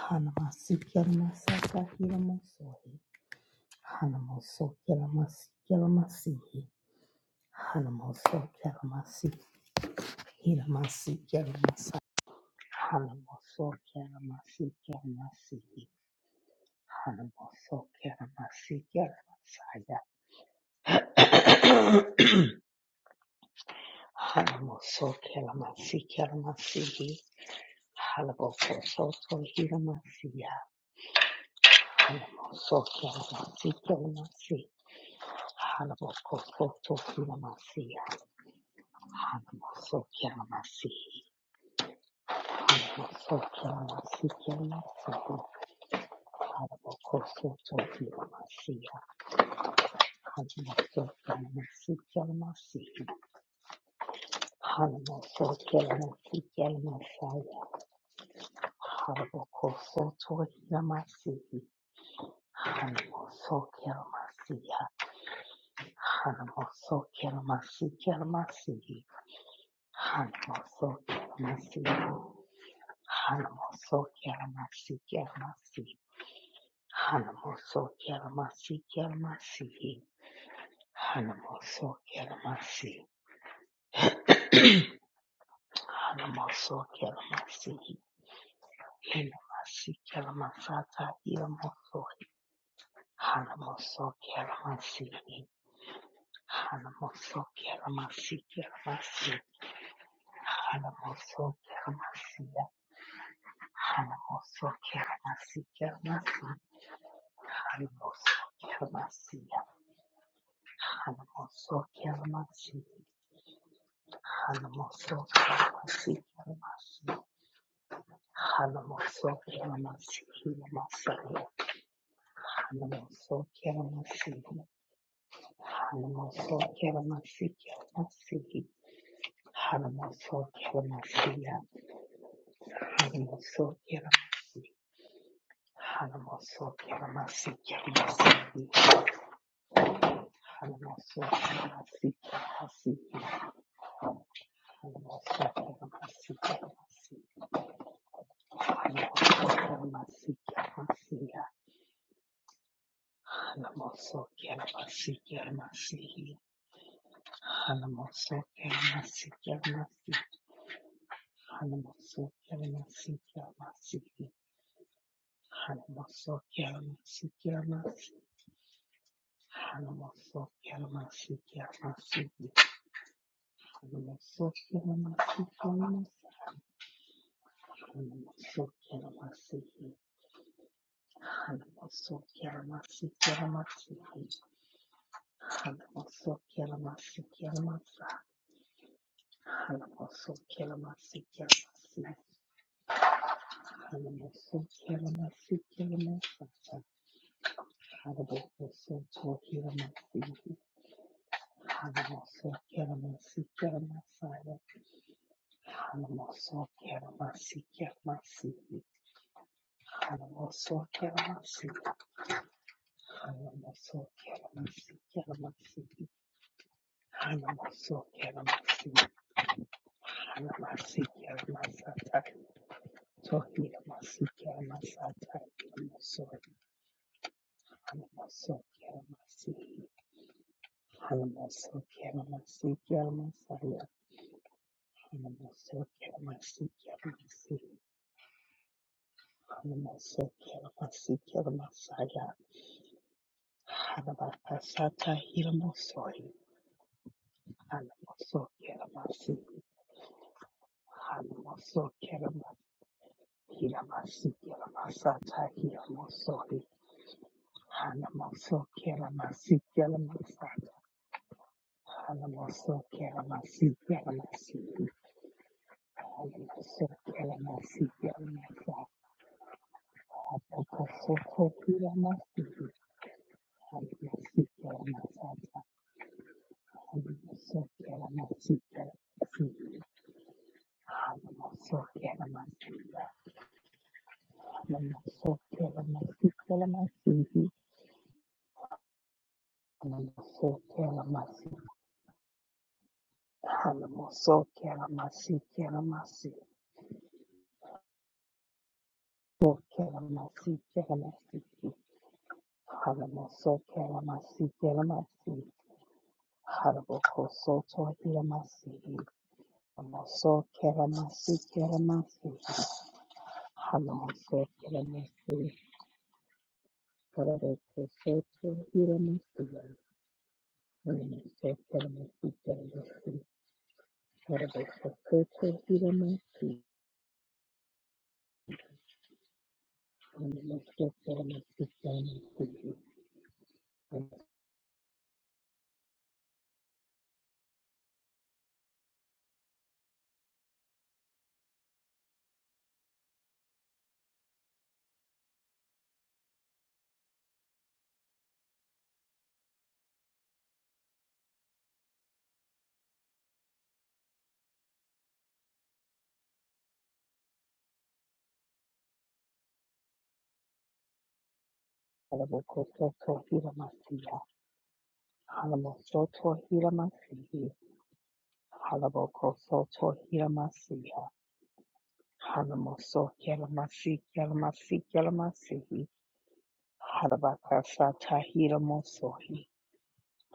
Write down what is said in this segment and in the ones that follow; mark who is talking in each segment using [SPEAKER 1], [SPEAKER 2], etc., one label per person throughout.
[SPEAKER 1] Hanamasikeramosakahiramosohi. Hanamosokeramasikiramasihi. Hanamosokeramasi- hiramasikiramasa- Hanamosokeramasikiramasiki. Hanamosokeramasikiramashaya. Hanamosokeramasikiramashi. Hanamososohiramasiya. Hanamosokeramasikiramasi. Hanamokososohiramasiya. Hanamosokianamasi. Hanamosokianamasikianamosoto. Hanamokosotokianamasiya. Hanamosokianamasitianamasi. Hanamosokianamasitianamasaya. Hanamokosotokianamasi. Hanamosokianamasiya. Hanamosokianamasitianamasi. Hanamosokianamasiya. Hanamosokianamasitianamasi. Hanamoso Kelamasi Kelamasi. Hanamoso Kelamasi. Hanamoso Kelamasi. Hinamasi Kelamasata Ilamoso. Hanamoso Kelamasi. Hanamoso Kelamasi Kelamasi. Hanamoso Kelamasi. Hanamoso Kelamasi Kelamasi. Hanamoso Kelamasi. Hanamoso Kelamasi. Hanamoso, Alamoso Kermasi Kermasi Alamoso Kermasi Kermasi Alamoso Kermasi Kermasi Alamoso Kermasi Kermasi Alamoso Kermasi Kermasi Alamoso Kermasi Kermasi Alamoso Kermasi Alamoso Kermasi Kermasi Alamoso Kermasi Kermasi Hanamasokeramasi, Hanamasokeramasi, Hanamasokeramasi, Hanamasokeramasi, Hanamasokeramasi, Haramoso kera masik, haramoso kera masik, kera masaya, haramoso kera masik, kera masik, haramoso kera masik, kera masaya, haramoso kera masik, kera masaya, haramoso kera masik, kera masaya, haramoso kera masik, kera masaya, haramoso kera masik, kera masik. Hallelujah. Haraboko soto hiramasi. Amoso keramasi keramasi. Halamoso keramasi. Haraboko soto hiramasi. Rinase keramasi keramasi. Haraboko soto hiramasi. Halamoso keramasi keramasi. Haraboko soto hiramasi. Halamoso soto hiramasi. Halaboko soto hiramasi. Hanamoso Yalamasi Yalamasi Yalamasihi Hadabakasa Tahira Mosohi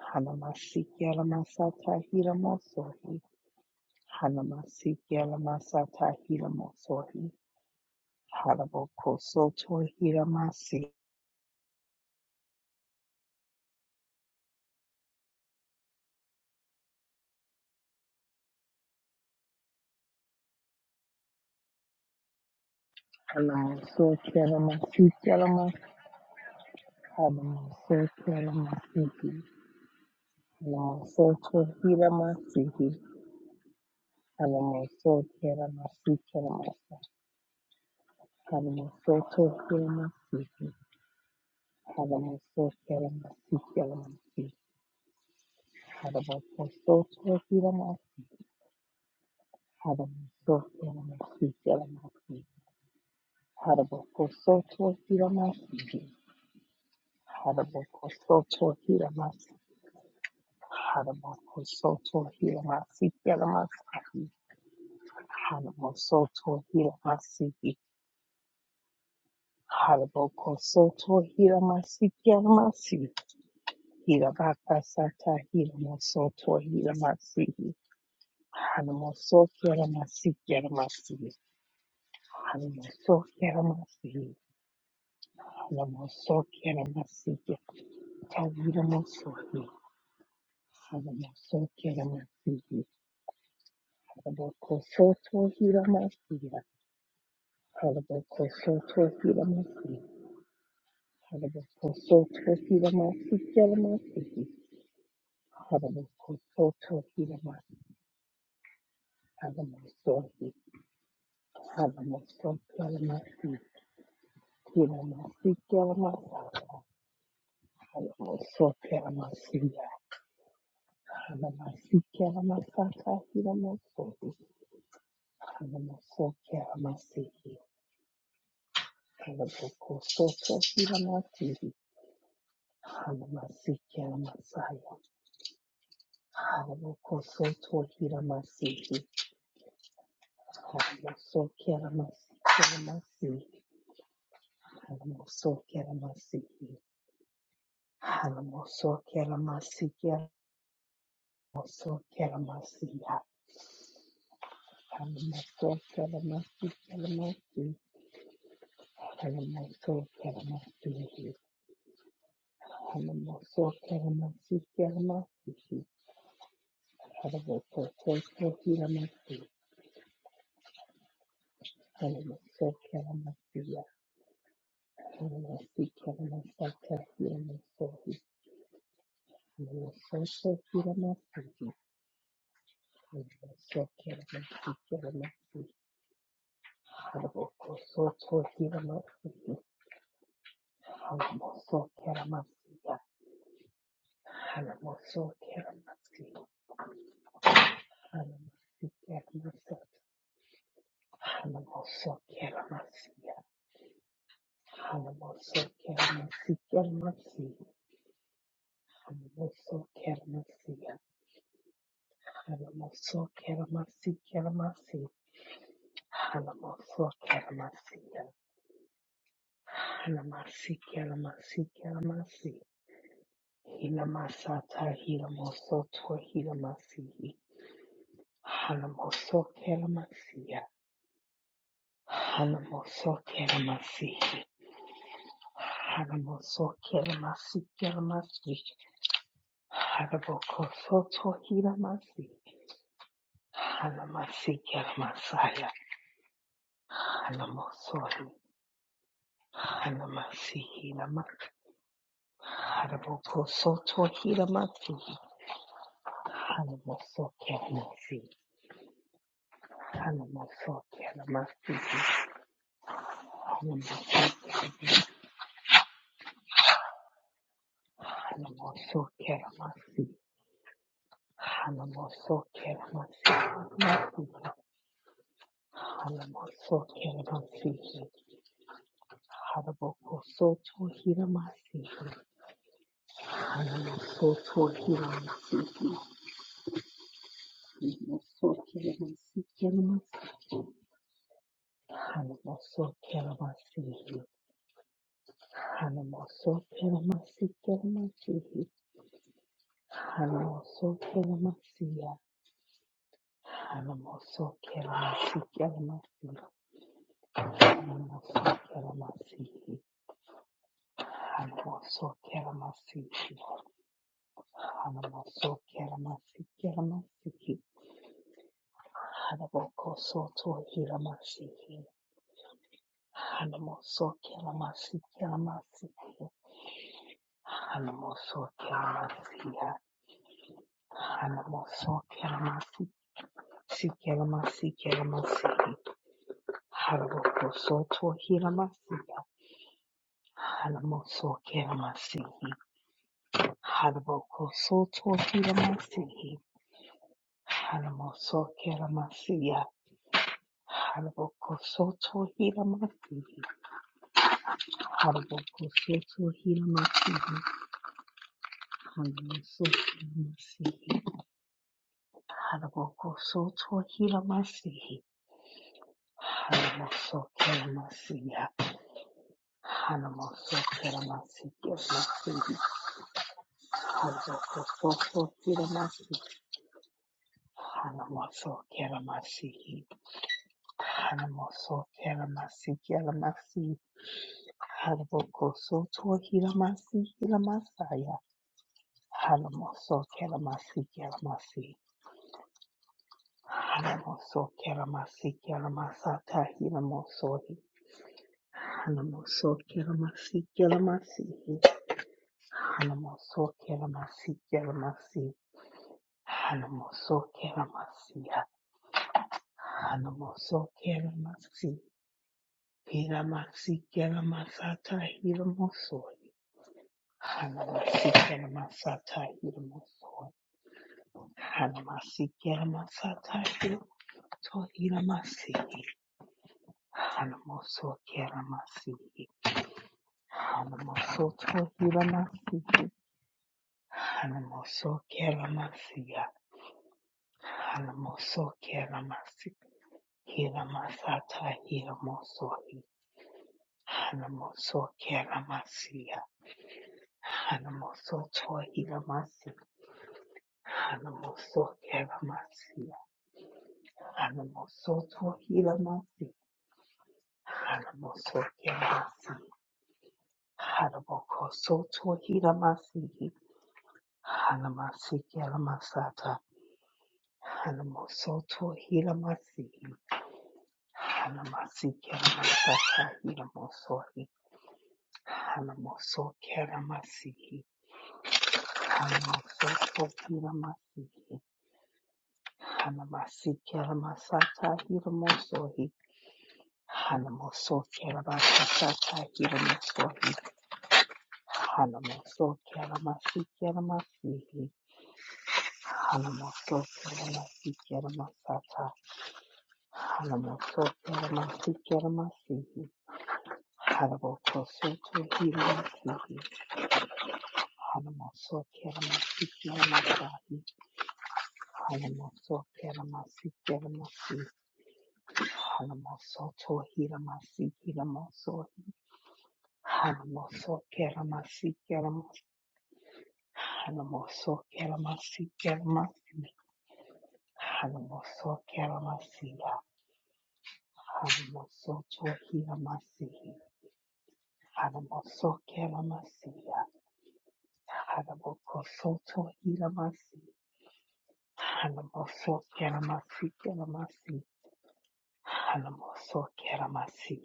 [SPEAKER 1] Hanamasi Yalamasa Tahira Mosohi Hanamasi Yalamasa Tahira Mosohi Hadaboko Soto Hiramasi Hanamoso Yalamasi Yalamas Hanamoso Yalamasihi Hanamoso Hiramasihi Hanamoso Yalamasi Yalamasa Haramosoto hiramosiki. Haramosoto hiramosiki hiramosiki. Haramosoto hiramosiki. Haramosoto hiramosiki hiramosiki. Haramosoto hiramosiki. Haramosoto hiramosiki. Haramosoto hiramosiki hiramosiki. Haramosoto hiramosiki. Haramosoto hiramosiki hiramosiki. Hirabakasata Hiramosoto Hiramasihi Hanamosokeramasi Keramasi Hanamosokeramasi Hanamosokeramasi Tahiramosohi Hanamosokeramasi Hanamokosoto Hiramasi Hanamokosoto Hiramasi Hanamokosoto Hiramasi Keramasi Hanamokosoto Hiramasi Hanamosohi Halamosokelamasi, kilamasikelamasakai, halamosokelamasia, halamasikelamasakai, kilamosoki, halamosokelamasihi, halamokosotokilamasihi, halamasikelamasaia, halamokosotokilamasihi, halamosokelamasikelamasia, halamosokelamasihi, halamosokelamasikelamasia. Sokeramasiya, Kalamasi, Kalamasi, Kalamasi, Kalamaso, Kalamasi, Kalamaso, Kalamasi, Kalamasi, Kalamaso, Kalamasi, Kalamaso, Kalamasiya, Kalamasi, Kalamasa, Kalamaso, Kalamaso, Kalamasi, Kalamaso, Kalamasi, Kalamasi, Kalamaso, Kalamasi, Kalamaso, Kalamasi, Hanamosokeramasi, Hanamosikeramasa, Hanamosokeramasia, Hanamosokeramasi, Hanamosokeramasia, Hanamosokeramasi, Keramasi, Hanamosokeramasia, Hanamasikeramasi, Keramasi, Hinamasata, Hinamosoto, Hinamasi, Hanamosokeramasia, Hanamosokeramasi. Haramoso kiramasi kiramasi. Haraboko soto hiramasi. Hanamasi kiramasaya. Hanamosori. Hanamasi hiramasi. Haraboko soto hiramasi. Hanamoso kiramasi. Hanamoso kiramasi. Hanamoso kiramasi. Hanamoso kiramasi. Hanamoso kiramasi. Hanamoso kiramasi. Harabokosoto hiramasiki. Hanamosoto hiramasiki. Hanamosoto hiramasiki hiramasiki. Hanamosoto hiramasiki. Hanamosoto hiramasiki hiramasiki. Hanamosoto hiramasiya. Hanamosoto hiramasiki hiramasiki. Hanamosoto hiramasiki. Hanamosoto hiramasiki. Hanamosoto hiramasiki Hanamosoto hiramasiki. Hanamokosoto Hiramasihi. Hanamoso Kilamasi Kilamasihi. Hanamoso Kilamasiha. Hanamoso Kilamasi Sikilamasi Kilamasihi. Hanamokosoto Hiramasiha. Hanamoso Kilamasihi. Hanamokosoto Hiramasihi. Hanamoso Kilamasiha. Hanamokosoto Hiramasihi. Harabokosotohiramasihi. Haramosohiramasihi. Harabokosotohiramasihi. Haramosohiramasihi. Haramosohiramasihi. Harabokosotohiramasihi. Haramosohiramasihi. Haramosohiramasihi. Harabokosotohiramasihi. Haramosohiramasihi. Hanamoso kelamasi kelamasata hilamosohi. Hanamoso kelamasi kelamasihi. Hanamoso kelamasi kelamasi. Hanamoso kelamasiha. Hanamoso kelamasi. Hilamasi kelamasata hilamosohi. Hanamasi kelamasata hilamosohi. Hanamasi kelamasata hilamosohi. Hanamasi kelamasata hilamosohi. Hanamosoto hilamasiya. Hanamoso kelamasiya. Hanamoso kelamasi. Hilamasata hilamosohi. Hanamoso kelamasiya. Hanamosoto hilamasi. Hanamoso kelamasiya. Hanamosoto hilamasi. Hanamoso kelamasi. Hanamokosoto hilamasihi. Hanamasi kelamasata. Hanamosoto Hilamasi Hanamasi Keramasata Hilamosoi Hanamoso Keramasi Hanamosoto Hilamasi Hanamasi Keramasata Hilamosoi Hanamoso Keramasata Hilamosoi Hanamoso Keramasi Keramasi Hanamoso Keramasi Keramasata Hanamoso Keramasi Keramasi Harabokosoto Hiramasiki Haramosoki Haramasiki Haramasahi Haramosoki Haramasiki Haramasi Haramosoto Hiramasiki Hiramosohi Haramosoki Haramasiki Haramasi Haramosoki Haramasiki Haramasi Haramosoki Haramasiya Haramosoto Hiramasihi Haramosoki Haramasiya Harabokosoto Hiramasi Hanamoso keramasi keramasi. Hanamoso keramasi.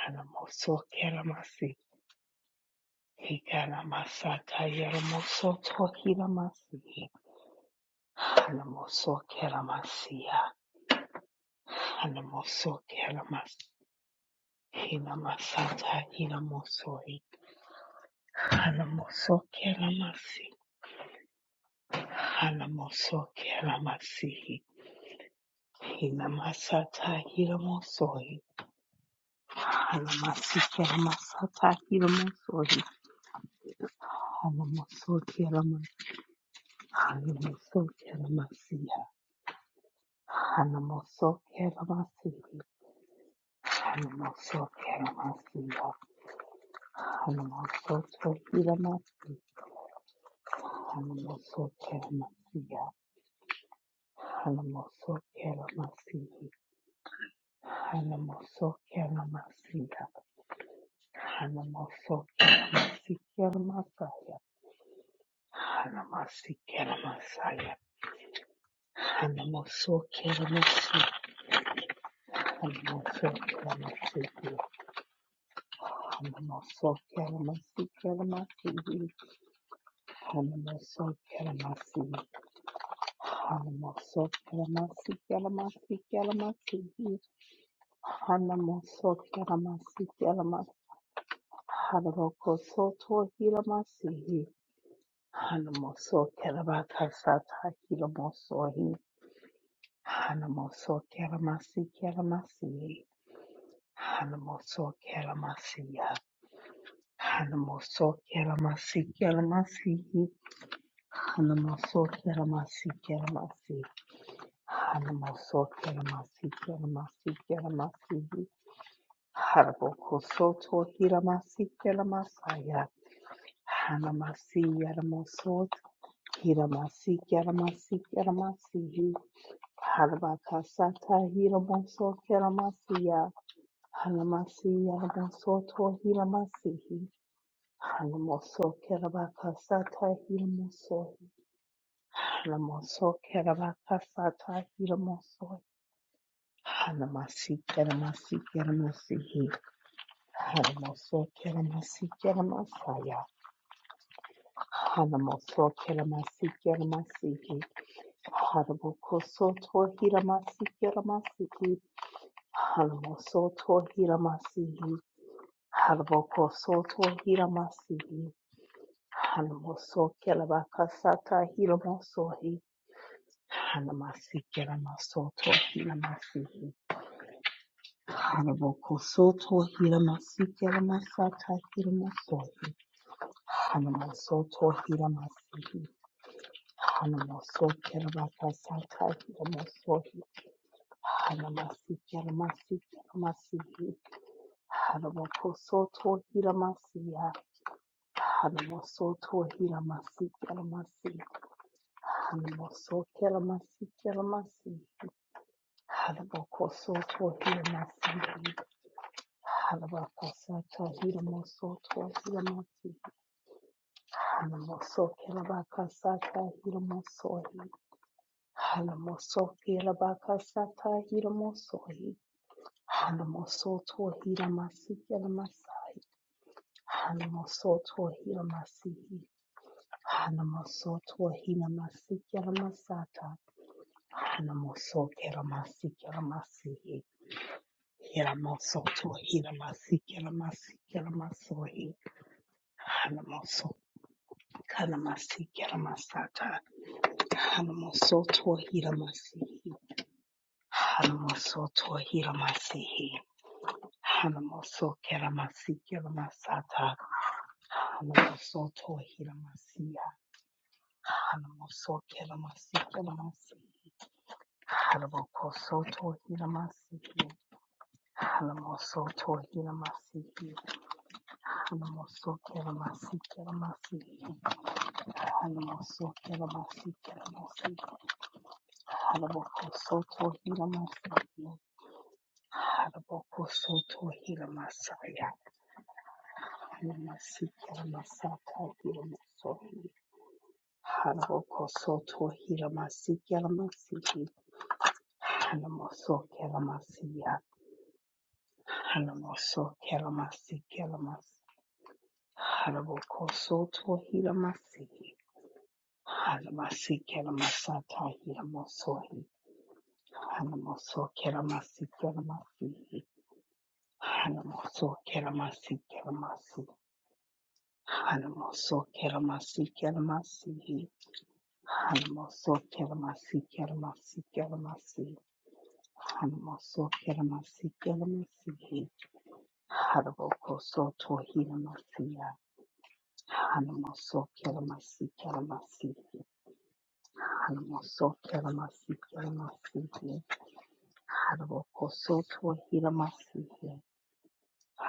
[SPEAKER 1] Hanamoso keramasi. Hikaramasa kayaramoso tohiramasi. Hanamoso keramasiya. Hanamoso keramasi. Hinamasata hinamoso. Hanamoso keramasi. Hanamoso keramasi. Hinamasata hiramoso. Hanamasakiramasatakiramosohi. Hanamosokiramasi. Hanamosokiramasiha. Hanamosokiramasihi. Hanamosokiramasiha. Hanamosokiramasi. Hanamosokiramasiha. Hanamosokiramasihi. Hanamosokiramasiha. Hanamosokiramasikiramasiha. Hanamosokiramasikiramasiha. Hanamasokelamasi, Hanamasokelamasi, Hanamasokelamasi, Kelamasi, Hanamasokelamasi, Hanamasokelamasi, Kelamasi, Kelamasi, Hanamasokelamasi, Kelamasi, Hanamokosoto Hilamasi, Hanamosokelamakasatai Hilamosohi, Hanamosokelamasi, Kelamasi, Hanamosokelamasi, Hanamoso Kelamasi Kelamasi Hanamoso Kelamasi Kelamasi Hanamoso Kelamasi Kelamasi Kelamasi Harboko Soto Hiramasi Kelamasaya Hanamasi Yaramoso Hiramasi Kelamasi Kelamasi Harbakasata Hiramoso Kelamasiya Hanamasi Yaramoso Hiramasi Hanamosoke Rabakasata Hilamosoy. Hanamosoke Rabakasata Hilamosoy. Hanamasike Ramasike Ramasihi. Hanamosoke Ramasike Ramasaya. Hanamosoke Ramasike Ramasihi. Hanamokosoto Hilamasike Ramasihi. Hanamosoto Hilamasihi. Hanamokosoto Hilamasihi. Hanamosoke Rabakasata Hilamosohi. Hanamasi Kelamasoto Hilamasi Hanaboko Soto Hilamasi Kelamasata Hilamosohi Hanamosoto Hilamasi Hanamoso Kelabaka Sata Hilamosohi Hanamasi Kelamasi Kelamasi Hanaboko Soto Hilamasi Hanamosoto Hilamasi Kelamasi Hanamoso Kelamasi Kelamasi Halabokosoto Hilamasi, Halabakasata Hilamosoto Hilamasi, Halamoso Kilabakasata Hilamosohi, Halamoso Kilabakasata Hilamosohi, Halamosoto Hilamasi Kilamasai, Halamosoto Hilamasihi, Halamosoto Hilamasi Kilamasata, Halamoso Kilamasi Kilamasihi. Hiramasoto, Hiramasi, Hiramasi, Hiramasohi, Hanamoso, Kanamasi, Hiramasata, Hanamosoto, Hiramasi, Hanamosoto, Hiramasi, Hanamoso, Keramasi, Hiramasata, Hanamosoto, Hiramasiya, Hanamoso, Keramasi, Hiramasi, Hanamokosoto, Hiramasi, Hanamosoto, Hiramasi, Hanamosoke Ramasike Ramasike Hanamosoke Ramasike Ramasike Hanaboko Soto Hiramasike Hanaboko Soto Hiramasaya Hanamasike Ramasaka Hiramasohi Hanaboko Soto Hiramasike Ramasike Hanamosoke Ramasiya Hanamosoke Ramasike Ramas Hanaboko Soto Hiramasihi Hanamasikelamasatahiramosohi. Hanamasokelamasikelamasiri. Hanamasokelamasikelamasi. Hanamasokelamasikelamasikiri. Hanamasokelamasikelamasikelamasiri. Hanamasokelamasikelamasiri. Harabokosotohiramasiya. Hanamasokelamasikelamasikiri. Hanamasokelamasikelamasikiri. Haraboko-soto-hira-masihi.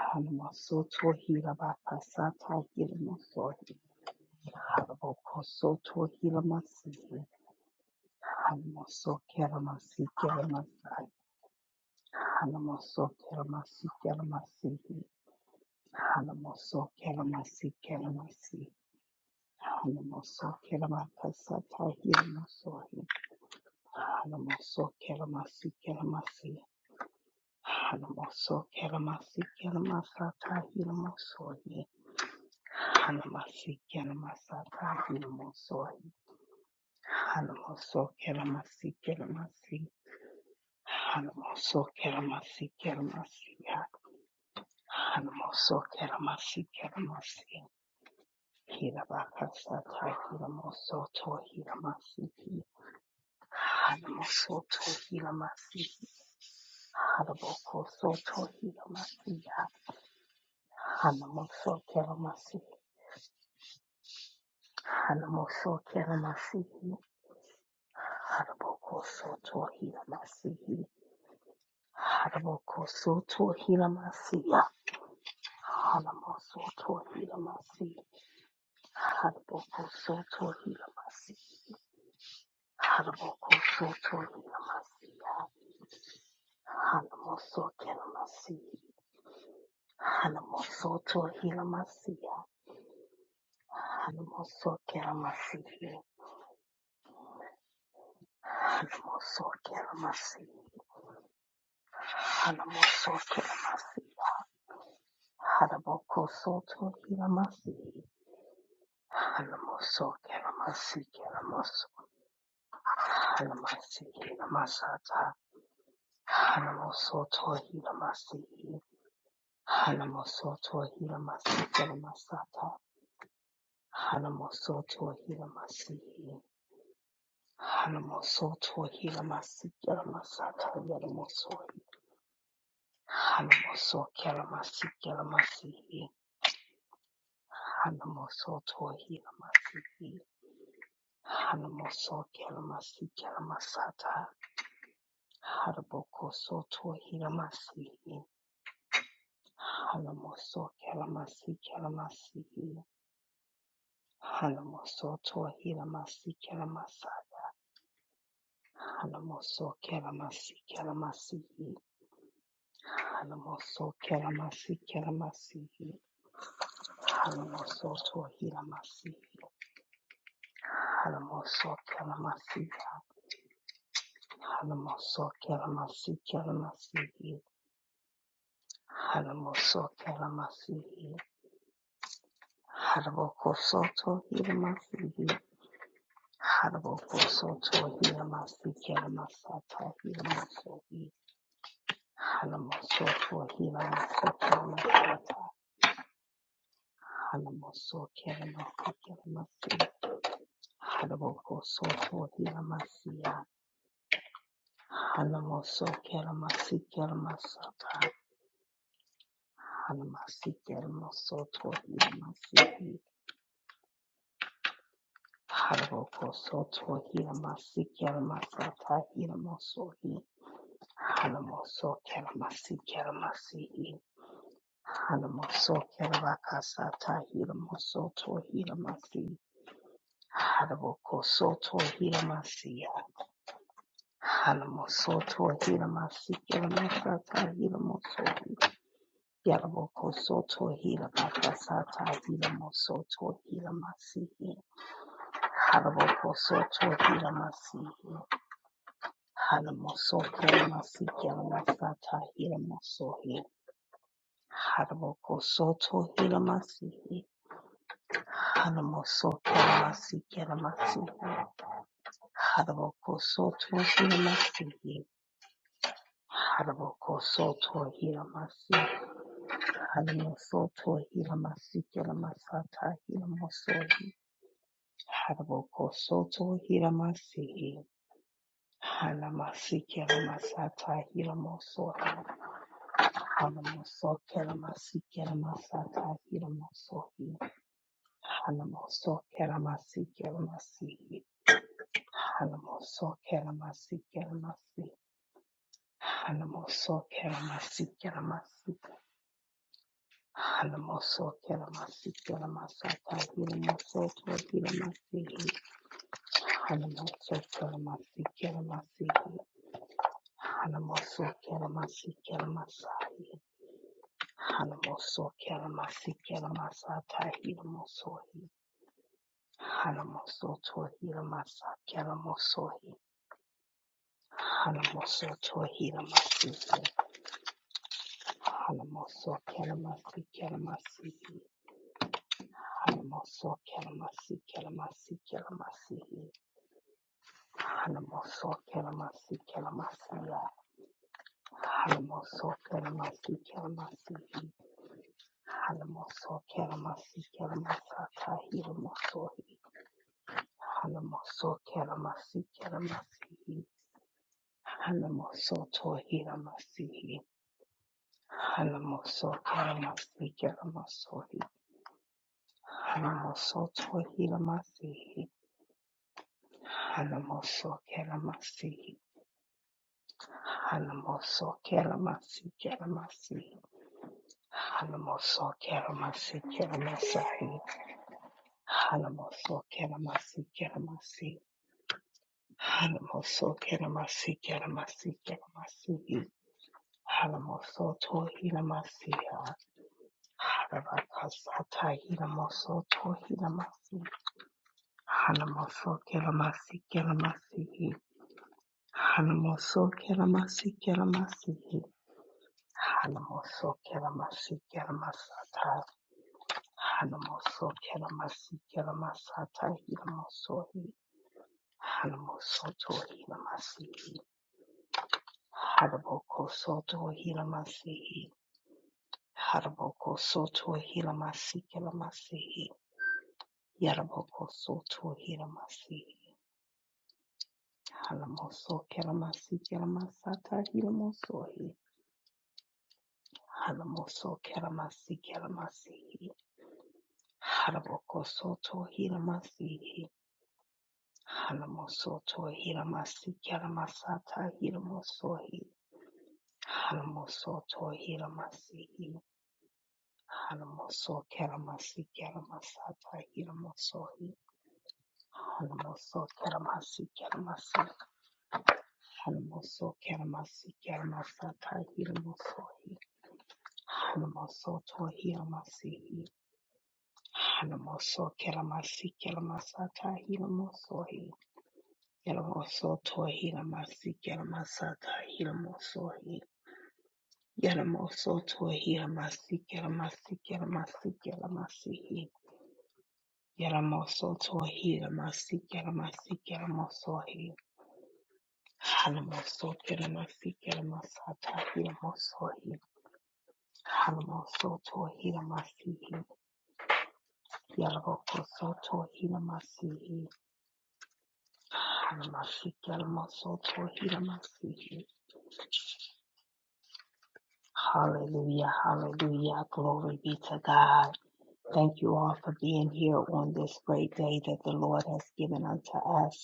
[SPEAKER 1] Hanamasoto-hira-bakasata-hira-masohi. Haraboko-soto-hira-masihi. Hanamasokeramasi-keramasai. Hanamasokeramasi-keramasihi. Hanamasokeramasi-keramasi. Hanamasokeramakasatai-hiramasohi. Hanamasokeramasi-keramasi. Hanamaso kele masi kele masata hila masoi. Hanamasi kele masata hila masoi. Hanamaso kele masi kele masi. Hanamaso kele masi kele masiya. Hanamaso kele masi kele masiya. Hila bakasata hila maso to hila masiya. Hanamaso to hila masiya. Hanabo kaso to hila masiya. Hanamaso kele masiya. Hanamosokelamasihi, Hanabokosotohilamasihi, Hanabokosotohilamasiya, Hanamosotohilamasi, Hanabokosotohilamasihi, Hanabokosotohilamasiya, Hanamosokelamasihi, Hanamosotohilamasiya, Hanamosokelamasihi, Hanamosokelamasihi, Hanamosokelamasiya. Harabokosoto hiramasi. Haramoso keramasi keramoso. Haramasi hiramasata. Haramosoto hiramasi. Haramosoto hiramasi keramasata. Haramosoto hiramasi. Haramosoto hiramasi keramasata yaramosoi. Haramoso keramasi keramasi. Haramosoto hiramasi. Hanamoso kelamasi kelamasata. Haraboko soto hiramasi. Hanamoso kelamasi kelamasi. Hanamoso to hiramasi kelamasa. Hanamoso kelamasi kelamasi. Hanamoso kelamasi kelamasi. Hanamoso to hiramasi. Hanamoso kelamasi. Hanamoso kelamasi kelamasi. Haramoso Kalamasihi, Haraboko Soto Hiramasihi, Haraboko Soto Hiramasi Kalamasata Hiramasohi, Haramoso to Hiramasi Kalamasata, Haramoso Kalamasi Kalamasi, Haraboko Soto Hiramasia, Haramoso Kalamasi Kalamasata, Haramasi Kalamoso to Hiramasihi, Hallelujah. Hanamosoto Hiramasata Hiramosohi Haraboko Soto Hiramasihi Hanamosoto Masiki Masihi Haraboko Soto Hiramasihi Haraboko Soto Hiramasi Hanamosoto Hiramasiki Masata Hiramosohi Haraboko Soto Hiramasihi Hanamasiki Masata Hiramosohi Hanamoso kelamasi kelamasa tahiramoso hi. Hanamoso kelamasi kelamasi hi. Hanamoso kelamasi kelamasi. Hanamoso kelamasi kelamasi. Hanamoso kelamasi kelamasa tahiramoso tahiramasi hi. Hanamoso kelamasi kelamasi hi. Hanamoso kelamasi kelamasa hi. Hanamoso kelamasi kelamasa tahiramoso hi. Halamoso tohila masa kelamosohi. Halamoso tohila masiki. Halamoso kelamasi kelamasihi. Halamoso kelamasi kelamasi kelamasihi. Halamoso kelamasi kelamasiya. Halamoso kelamasi kelamasihi. Halamoso kelamasi kelamasa tahila mosohi. Halamoso kelamasi kelamasihi. Hanamosoto Hiramasihi. Hanamosoto Hiramasihi Hanamosohi. Hanamosoto Hiramasihi. Hanamoso Keramasihi. Hanamoso Keramasi Keramasihi. Hanamoso Keramasi Keramasahi. Hanamoso Keramasi Keramasi. Hanamoso Keramasi Keramasi Keramasihi. Hanamosoto Hiramasihi. Harabakasata Hiramosoto Hiramasi Hanamoso Kelamasi Kelamasi Hanamoso Kelamasi Kelamasi Hanamoso Kelamasi Kelamasata Hanamoso Kelamasi Kelamasata Hiramoso Hanamoso To Hiramasi Haraboko Soto Hiramasi Haraboko Soto Hiramasi Kelamasi Yaraboko Soto Hiramasi Halamoso kelamasi kelamasata hilamosohi. Halamoso kelamasi kelamasihi. Halaboko soto hilamasihi. Halamoso to hilamasi kelamasata hilamosohi. Halamoso to hilamasihi. Halamoso kelamasi kelamasata hilamosohi. Halamoso kelamasi kelamasi. Halamoso kelamasi kelamasata hilamosohi. Hanamosoto Hilamasihi, Hanamoso Kelamasi Kelamasata Hilamosohi, Yalamosoto Hilamasi Kelamasata Hilamosohi, Yalamosoto Hilamasi Kelamasi Kelamasi Kelamasihi, Yalamosoto Hilamasi Kelamasi Kelamosohi, Hanamoso Kelamasi Kelamasata Hilamosohi, Hanamosoto Hilamasihi, Yalamosoto Hilamasihi, Hallelujah, hallelujah. Glory be to God. Thank you all for being here on this great day that the Lord has given unto us.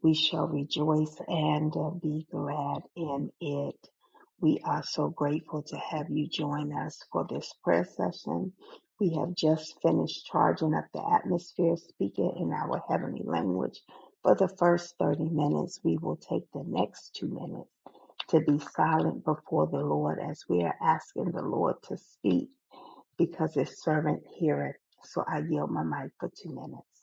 [SPEAKER 1] We shall rejoice and uh, be glad in it. We are so grateful to have you join us for this prayer session. We have just finished charging up the atmosphere, speaking in our heavenly language. For the first 30 minutes, we will take the next two minutes to be silent before the Lord as we are asking the Lord to speak because his servant heareth. So I yield my mic for two minutes.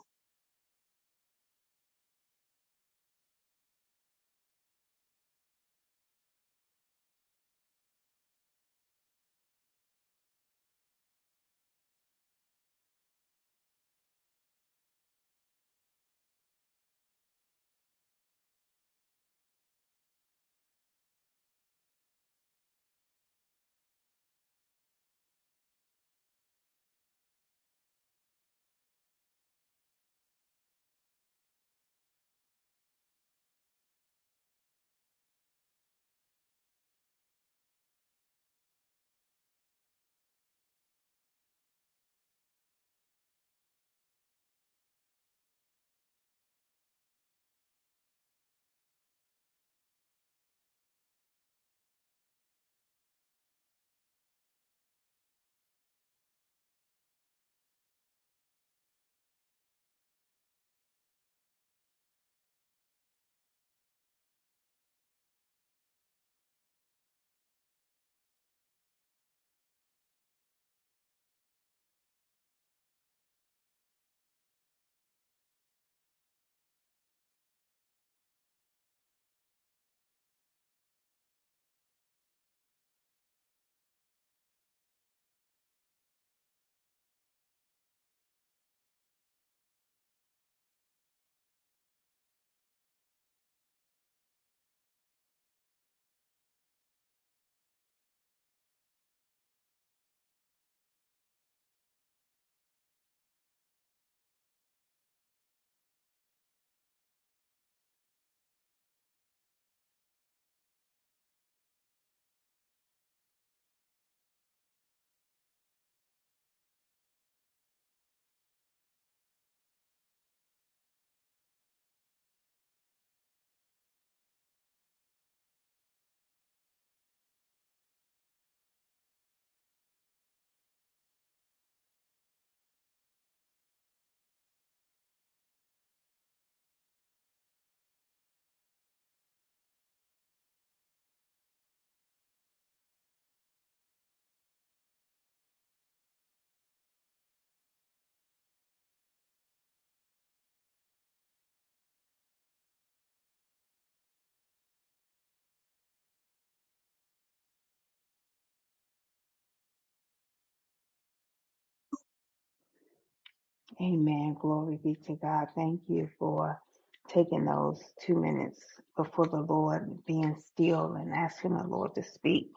[SPEAKER 1] Amen. Glory be to God. Thank you for taking those two minutes before the Lord, being still and asking the Lord to speak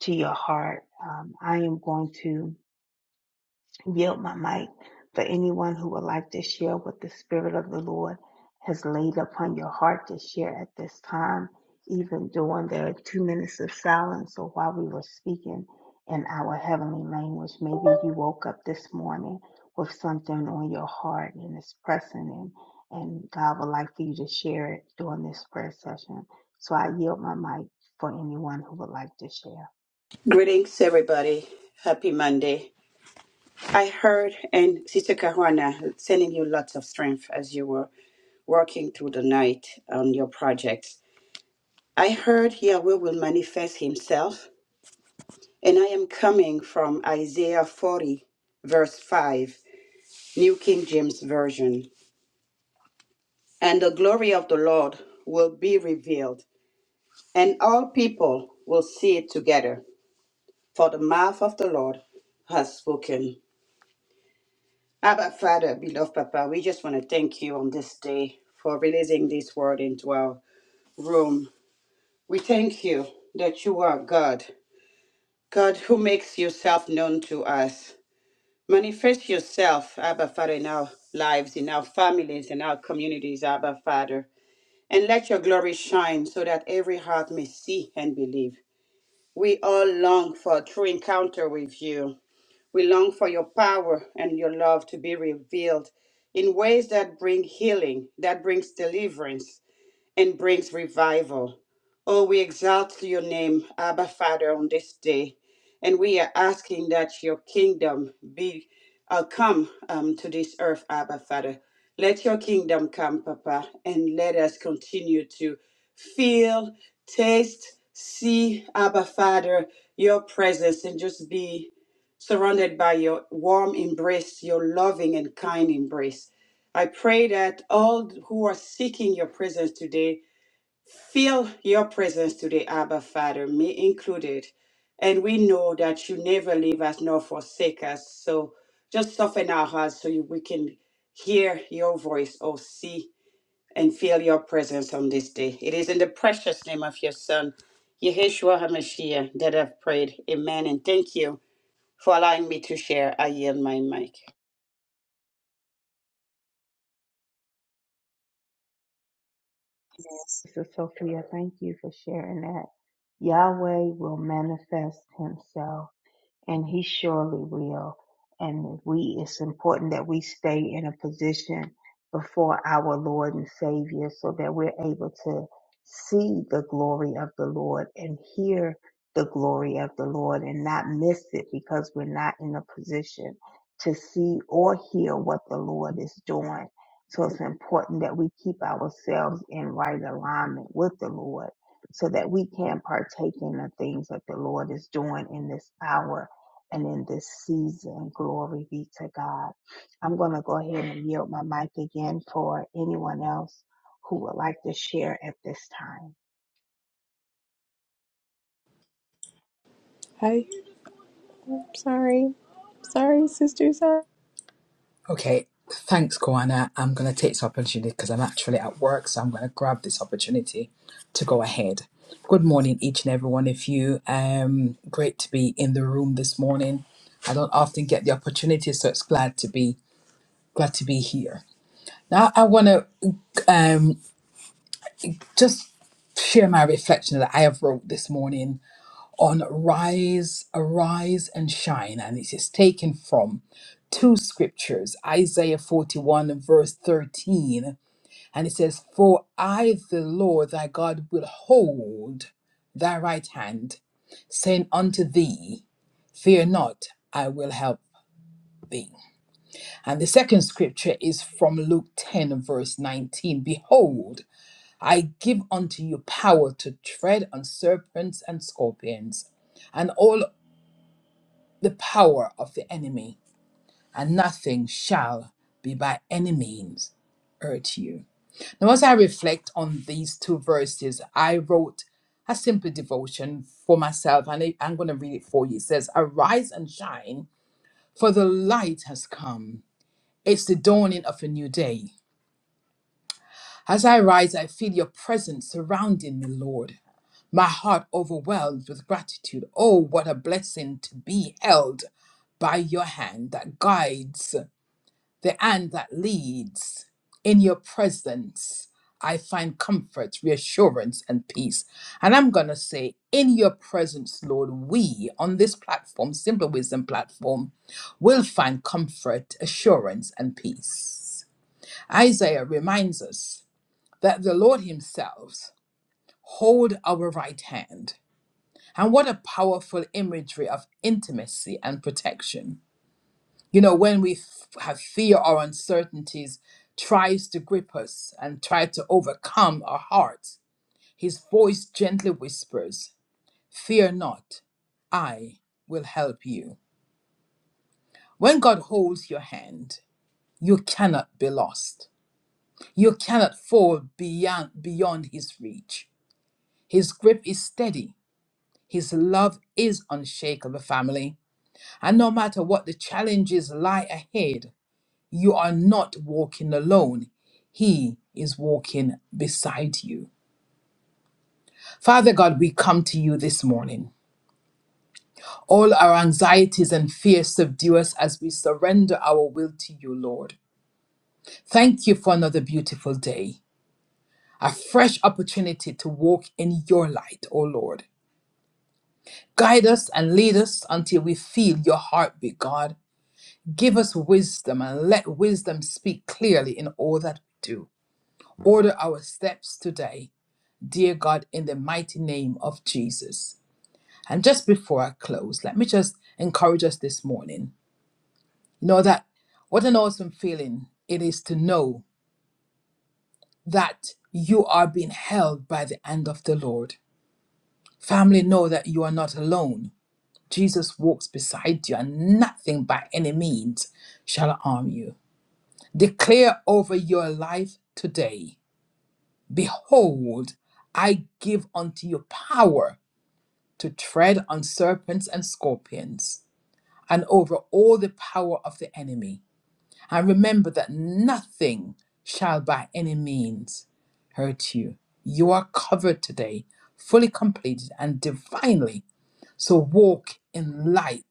[SPEAKER 1] to your heart. Um, I am going to yield my mic for anyone who would like to share what the Spirit of the Lord has laid upon your heart to share at this time, even during the two minutes of silence or while we were speaking in our heavenly language. Maybe you woke up this morning with something on your heart and it's pressing and and God would like for you to share it during this prayer session. So I yield my mic for anyone who would like to share.
[SPEAKER 2] Greetings, everybody. Happy Monday. I heard, and Sister Caruana, sending you lots of strength as you were working through the night on your projects. I heard Yahweh will manifest himself, and I am coming from Isaiah 40, verse 5, New King James Version. And the glory of the Lord will be revealed, and all people will see it together, for the mouth of the Lord has spoken. Abba Father, beloved Papa, we just want to thank you on this day for releasing this word into our room. We thank you that you are God, God who makes yourself known to us. Manifest yourself, Abba Father, in our lives, in our families, in our communities, Abba Father, and let your glory shine so that every heart may see and believe. We all long for a true encounter with you. We long for your power and your love to be revealed in ways that bring healing, that brings deliverance, and brings revival. Oh, we exalt your name, Abba Father, on this day. And we are asking that your kingdom be uh, come um, to this earth, Abba Father. Let your kingdom come, Papa, and let us continue to feel, taste, see, Abba Father, your presence, and just be surrounded by your warm embrace, your loving and kind embrace. I pray that all who are seeking your presence today feel your presence today, Abba Father, me included. And we know that you never leave us nor forsake us. So just soften our hearts so you- we can hear your voice or see and feel your presence on this day. It is in the precious name of your Son, Yeshua HaMashiach, that I've prayed. Amen. And thank you for allowing me to share. I yield my mic.
[SPEAKER 1] So, Sophia, thank you for sharing that. Yahweh will manifest himself and he surely will. And we, it's important that we stay in a position before our Lord and Savior so that we're able to see the glory of the Lord and hear the glory of the Lord and not miss it because we're not in a position to see or hear what the Lord is doing. So it's important that we keep ourselves in right alignment with the Lord so that we can partake in the things that the Lord is doing in this hour and in this season. Glory be to God. I'm going to go ahead and yield my mic again for anyone else who would like to share at this time.
[SPEAKER 3] Hi, sorry, sorry, sister, sorry.
[SPEAKER 4] Okay, thanks, Koana. I'm going to take this opportunity because I'm actually at work, so I'm going to grab this opportunity to go ahead. Good morning, each and every one of you. Um, great to be in the room this morning. I don't often get the opportunity, so it's glad to be glad to be here. Now, I want to um, just share my reflection that I have wrote this morning on rise arise and shine and it is taken from two scriptures isaiah 41 verse 13 and it says for i the lord thy god will hold thy right hand saying unto thee fear not i will help thee and the second scripture is from luke 10 verse 19 behold i give unto you power to tread on serpents and scorpions and all the power of the enemy, and nothing shall be by any means hurt you. Now, as I reflect on these two verses, I wrote a simple devotion for myself, and I- I'm going to read it for you. It says, Arise and shine, for the light has come. It's the dawning of a new day. As I rise, I feel your presence surrounding me, Lord. My heart overwhelmed with gratitude. Oh, what a blessing to be held by your hand that guides The hand that leads. In your presence, I find comfort, reassurance, and peace. And I'm going to say, in your presence, Lord, we on this platform, Simple Wisdom platform, will find comfort, assurance, and peace. Isaiah reminds us that the Lord Himself hold our right hand. And what a powerful imagery of intimacy and protection you know when we f- have fear or uncertainties tries to grip us and try to overcome our hearts his voice gently whispers fear not i will help you when god holds your hand you cannot be lost you cannot fall beyond beyond his reach his grip is steady his love is unshakable family and no matter what the challenges lie ahead You are not walking alone. He is walking beside you. Father God, we come to you this morning. All our anxieties and fears subdue us as we surrender our will to you, Lord. Thank you for another beautiful day, a fresh opportunity to walk in your light, O Lord. Guide us and lead us until we feel your heartbeat, God. Give us wisdom and let wisdom speak clearly in all that we do. Order our steps today dear God, in the mighty name of Jesus. And just before I close, let me just encourage us this morning. You know that what an awesome feeling it is to know that you are being held by the hand of the Lord. Family, know that you are not alone. Jesus walks beside you, and nothing by any means shall harm you. Declare over your life today Behold, I give unto you power to tread on serpents and scorpions and over all the power of the enemy. And remember that nothing shall by any means hurt you. You are covered today, fully completed and divinely. So walk in light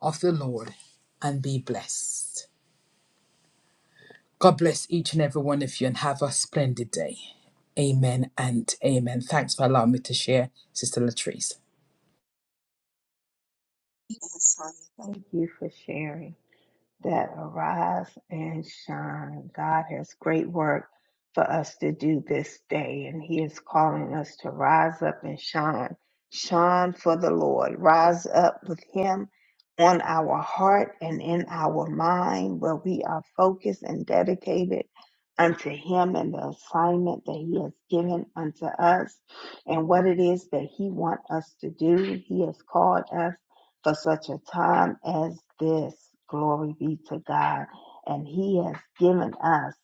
[SPEAKER 4] of the Lord and be blessed. God bless each and every one of you and have a splendid day. Amen and amen. Thanks for allowing me to share, Sister Latrice.
[SPEAKER 1] Yes, Father, thank you for sharing. that arise and shine. God has great work for us to do this day, and He is calling us to rise up and shine. Shine for the Lord. Rise up with Him on our heart and in our mind, where we are focused and dedicated unto Him and the assignment that He has given unto us and what it is that He wants us to do. He has called us for such a time as this. Glory be to God. And He has given us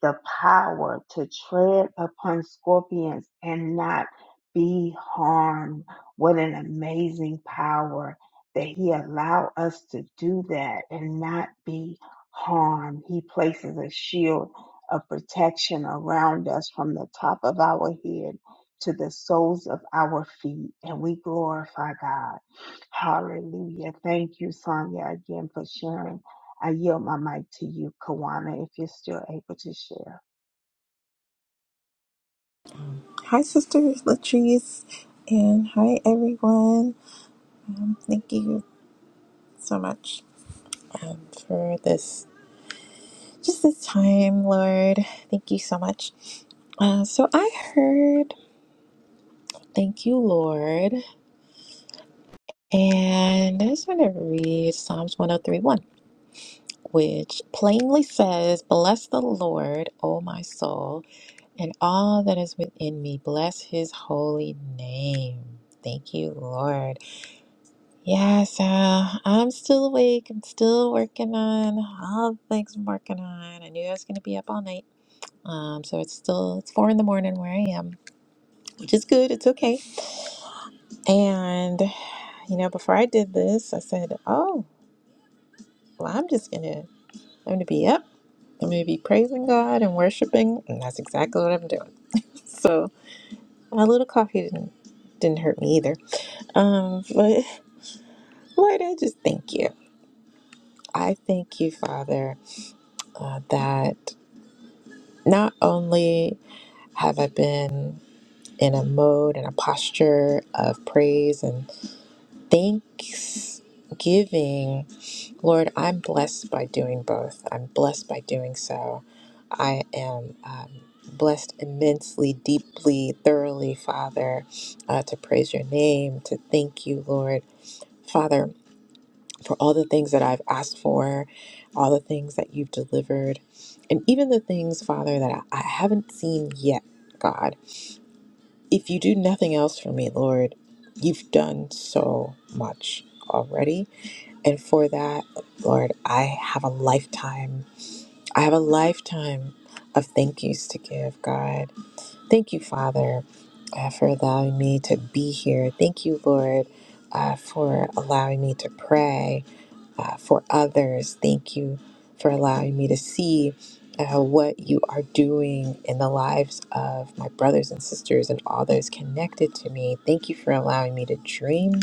[SPEAKER 1] the power to tread upon scorpions and not be harmed. What an amazing power that He allowed us to do that and not be harmed. He places a shield of protection around us from the top of our head to the soles of our feet, and we glorify God Hallelujah. Thank you, Sonia, again for sharing. I yield my mic to you, Kawana, if you're still able to share.
[SPEAKER 3] Hi, sister Latrice, and hi, everyone. Um, Thank you so much um, for this, just this time, Lord. Thank you so much. Uh, so I heard, thank you, Lord, and I just want to read Psalms 103:1. which plainly says, Bless the Lord, O my soul, and all that is within me. Bless his holy name. Thank you, Lord. Yeah, so I'm still awake. I'm still working on all the things I'm working on. I knew I was going to be up all night. Um, so it's still it's four in the morning where I am, which is good. It's okay. And you know, before I did this, I said, "Oh, well, I'm just gonna I'm gonna be up I'm going to be praising God and worshiping, and that's exactly what I'm doing. So my little coffee didn't didn't hurt me either. Um, but Lord, I just thank you. I thank you, Father, uh, that not only have I been in a mode and a posture of praise and thanksgiving Lord, I'm blessed by doing both. I'm blessed by doing so. I am um, blessed immensely, deeply, thoroughly, Father, uh, to praise your name, to thank you, Lord. Father, for all the things that I've asked for, all the things that you've delivered, and even the things, Father, that I, I haven't seen yet, God. If you do nothing else for me, Lord, you've done so much already and for that, Lord, I have a lifetime. I have a lifetime of thank yous to give, God. Thank you, Father, uh, for allowing me to be here. Thank you, Lord, uh, for allowing me to pray uh, for others. Thank you for allowing me to see uh, what you are doing in the lives of my brothers and sisters and all those connected to me. Thank you for allowing me to dream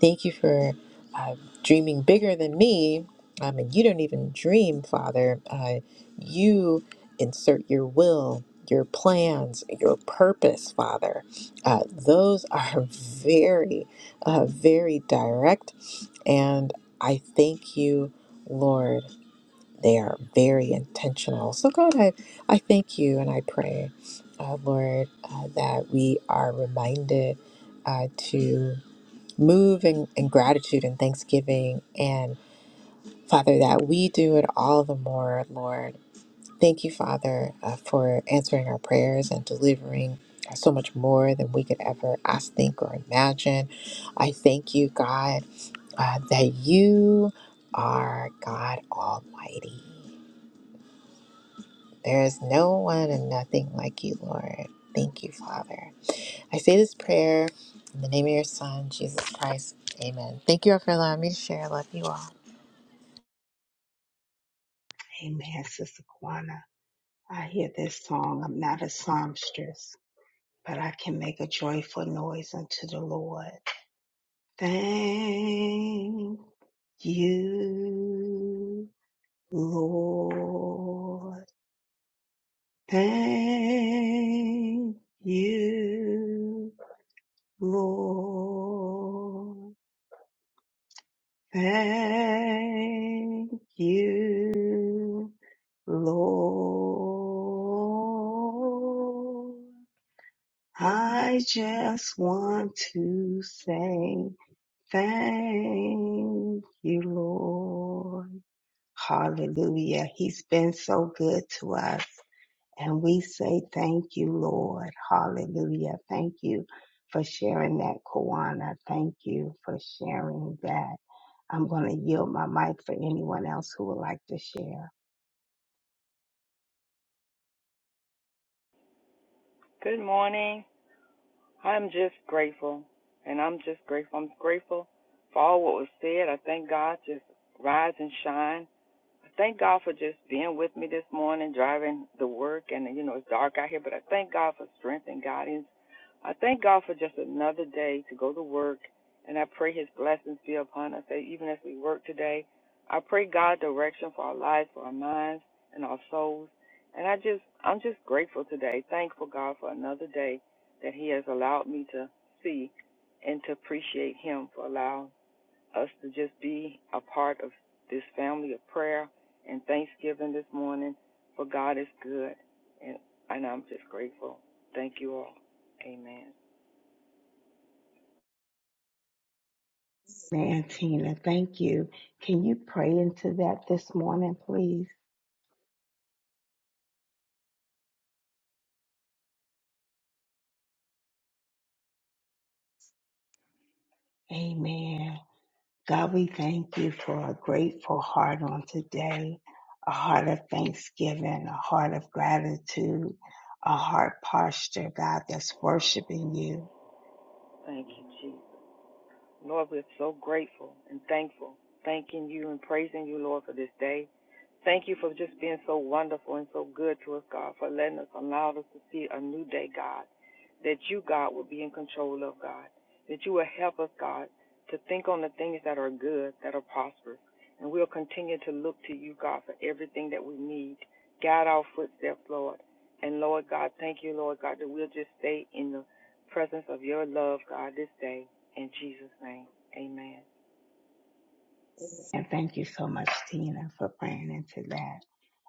[SPEAKER 3] Thank you for uh, dreaming bigger than me. Um, and you don't even dream, Father. Uh, you insert your will, your plans, your purpose, Father. Uh, those are very, uh, very direct. And I thank you, Lord. They are very intentional. So, God, I, I thank you and I pray, uh, Lord, uh, that we are reminded uh, to move in, in gratitude and thanksgiving. And Father, that we do it all the more, Lord. Thank you, Father, uh, for answering our prayers and delivering so much more than we could ever ask, think, or imagine. I thank you, God, uh, that you are God Almighty. There is no one and nothing like you, Lord. Thank you, Father. I say this prayer in the name of your Son, Jesus Christ. Amen. Thank you all for allowing me to share. I love you all.
[SPEAKER 1] Amen, Sister Kawana. I hear this song. I'm not a songstress, but I can make a joyful noise unto the Lord. Thank you, Lord. Thank you, Lord. Thank you, Lord. I just want to say thank you, Lord. Hallelujah. He's been so good to us. And we say thank you, Lord. Hallelujah. Thank you for sharing that, Kawana. Thank you for sharing that. I'm going to yield my mic for anyone else who would like to share.
[SPEAKER 5] Good morning. I'm just grateful, and I'm just grateful. I'm grateful for all what was said. I thank God. Just rise and shine. I thank God for just being with me this morning, driving the work, and you know it's dark out here, but I thank God for strength and guidance. I thank God for just another day to go to work, and I pray His blessings be upon us even as we work today. I pray God direction for our lives, for our minds, and our souls. And I just, I'm just grateful today, thankful God for another day that He has allowed me to see and to appreciate Him for allowing us to just be a part of this family of prayer and thanksgiving this morning. For God is good, and and I'm just grateful. Thank you all. Amen.
[SPEAKER 1] Man, Tina, thank you. Can you pray into that this morning, please? Amen. God, we thank you for a grateful heart on today, a heart of thanksgiving, a heart of gratitude, a heart posture, God, that's worshiping you.
[SPEAKER 5] Thank you, Jesus. Lord, we're so grateful and thankful, thanking you and praising you, Lord, for this day. Thank you for just being so wonderful and so good to us, God, for letting us, allow us to see a new day, God, that you, God, will be in control of, God, that you will help us, God, to think on the things that are good, that are prosperous. And we'll continue to look to you, God, for everything that we need. Guide our footsteps, Lord. And Lord God, thank you, Lord God, that we'll just stay in the presence of your love, God, this day. In Jesus' name, amen.
[SPEAKER 1] And thank you so much, Tina, for praying into that.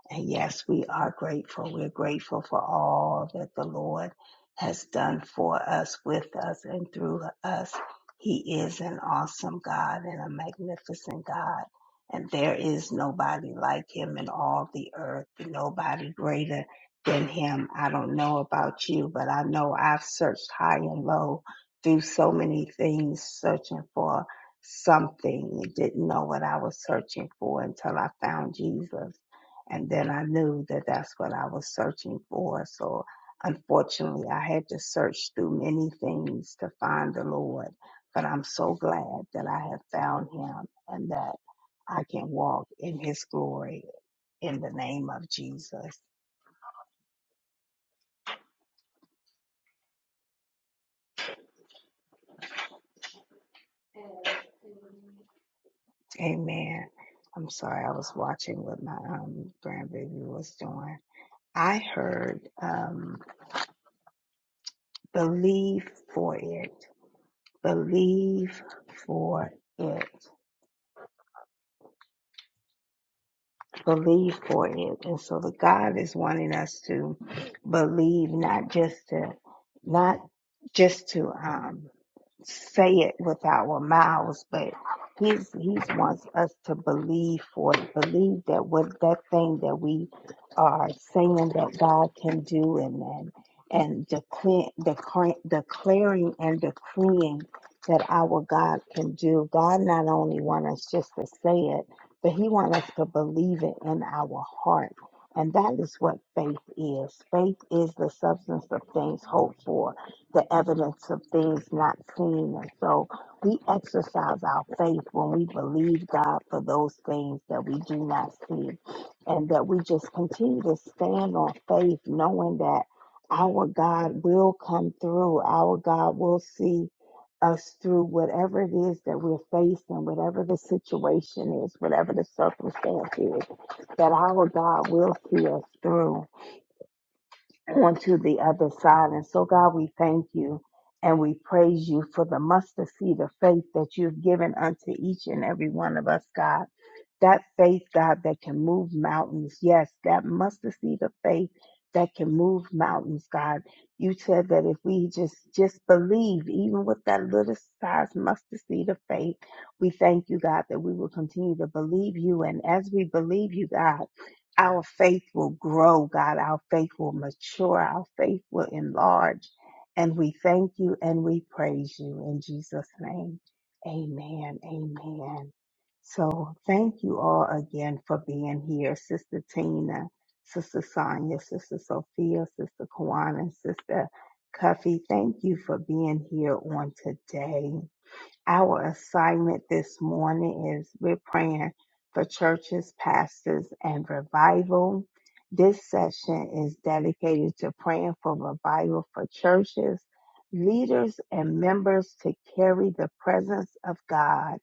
[SPEAKER 1] And yes, we are grateful. We're grateful for all that the Lord has done for us, with us, and through us. He is an awesome God and a magnificent God. And there is nobody like him in all the earth, nobody greater than him. I don't know about you, but I know I've searched high and low through so many things, searching for something. Didn't know what I was searching for until I found Jesus and then I knew that that's what I was searching for. So unfortunately, I had to search through many things to find the Lord. But I'm so glad that I have found him and that I can walk in his glory in the name of Jesus. Amen. I'm sorry, I was watching what my um, grandbaby was doing. I heard um, believe for it, believe for it. believe for it. And so the God is wanting us to believe not just to not just to um say it with our mouths, but he's he wants us to believe for it, believe that what that thing that we are saying that God can do, and then and declare, declare, declaring and decreeing that our God can do. God not only want us just to say it, but He want us to believe it in our heart. And that is what faith is. Faith is the substance of things hoped for the evidence of things not seen. And so we exercise our faith when we believe God for those things that we do not see, and that we just continue to stand on faith, knowing that our God will come through, our God will see us through whatever it is that we're facing, whatever the situation is, whatever the circumstance is, that our God will see us through onto the other side. And so, God, we thank you and we praise you for the mustard seed of faith that you've given unto each and every one of us, God. That faith, God, that can move mountains. Yes, that mustard seed of faith that can move mountains, God. You said that if we just just believe, even with that little size mustard seed of faith, we thank you, God, that we will continue to believe you. And as we believe you, God, our faith will grow, God. Our faith will mature. Our faith will enlarge. And we thank you and we praise you in Jesus' name. Amen. Amen. So thank you all again for being here, Sister Tina, Sister Sonia, Sister Sophia, Sister Kawana, Sister Cuffy. Thank you for being here on today. Our assignment this morning is we're praying for churches, pastors, and revival. This session is dedicated to praying for revival for churches, leaders, and members to carry the presence of God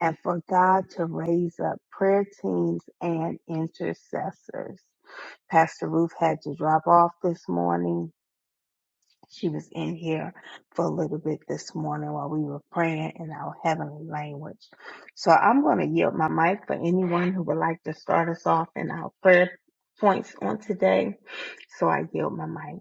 [SPEAKER 1] and for God to raise up prayer teams and intercessors. Pastor Ruth had to drop off this morning. She was in here for a little bit this morning while we were praying in our heavenly language. So I'm going to yield my mic for anyone who would like to start us off in our prayer points on today. So I yield my mic.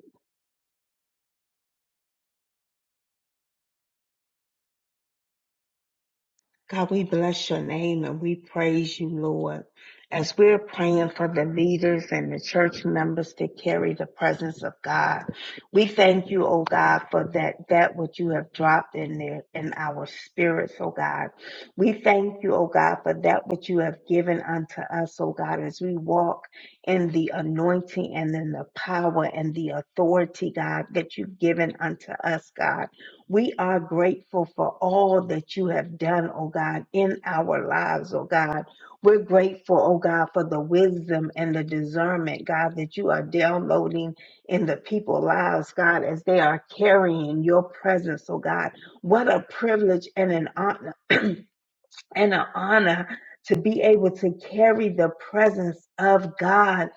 [SPEAKER 1] God, we bless your name and we praise you, Lord. As we're praying for the leaders and the church members to carry the presence of God, we thank you, oh God, for that, that what you have dropped in there in our spirits, oh God. We thank you, oh God, for that what you have given unto us, oh God, as we walk in the anointing and in the power and the authority, God, that you've given unto us, God. We are grateful for all that you have done, oh God, in our lives, oh God. We're grateful, oh God, for the wisdom and the discernment, God, that you are downloading in the people's lives, God, as they are carrying your presence, oh God. What a privilege and an honor, and an honor to be able to carry the presence of God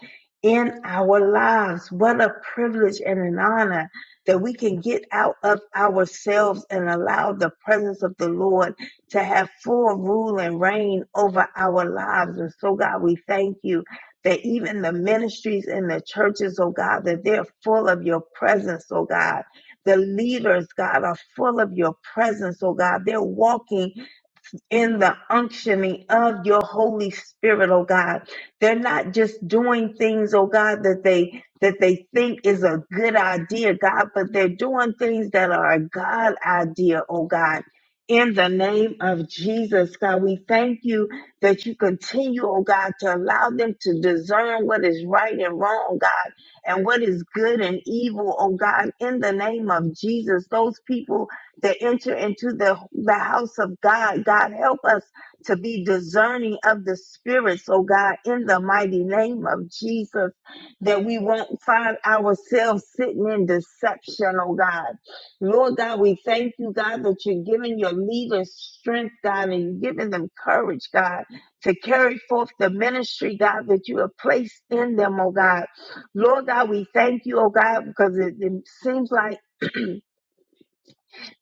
[SPEAKER 1] in our lives. What a privilege and an honor that we can get out of ourselves and allow the presence of the Lord to have full rule and reign over our lives. And so, God, we thank you that even the ministries and the churches, oh God, that they're full of your presence, oh God. The leaders, God, are full of your presence, oh God. They're walking in the unctioning of your Holy Spirit, oh God. They're not just doing things, oh God, that they that they think is a good idea, God, but they're doing things that are a God idea, oh God. In the name of Jesus, God, we thank you that you continue, oh God, to allow them to discern what is right and wrong, God, and what is good and evil, oh God, in the name of Jesus. Those people that enter into the, the house of God. God, help us to be discerning of the spirits, oh God, in the mighty name of Jesus, that we won't find ourselves sitting in deception, oh God. Lord God, we thank you, God, that you're giving your leaders strength, God, and you're giving them courage, God, to carry forth the ministry, God, that you have placed in them, oh God. Lord God, we thank you, oh God, because it, it seems like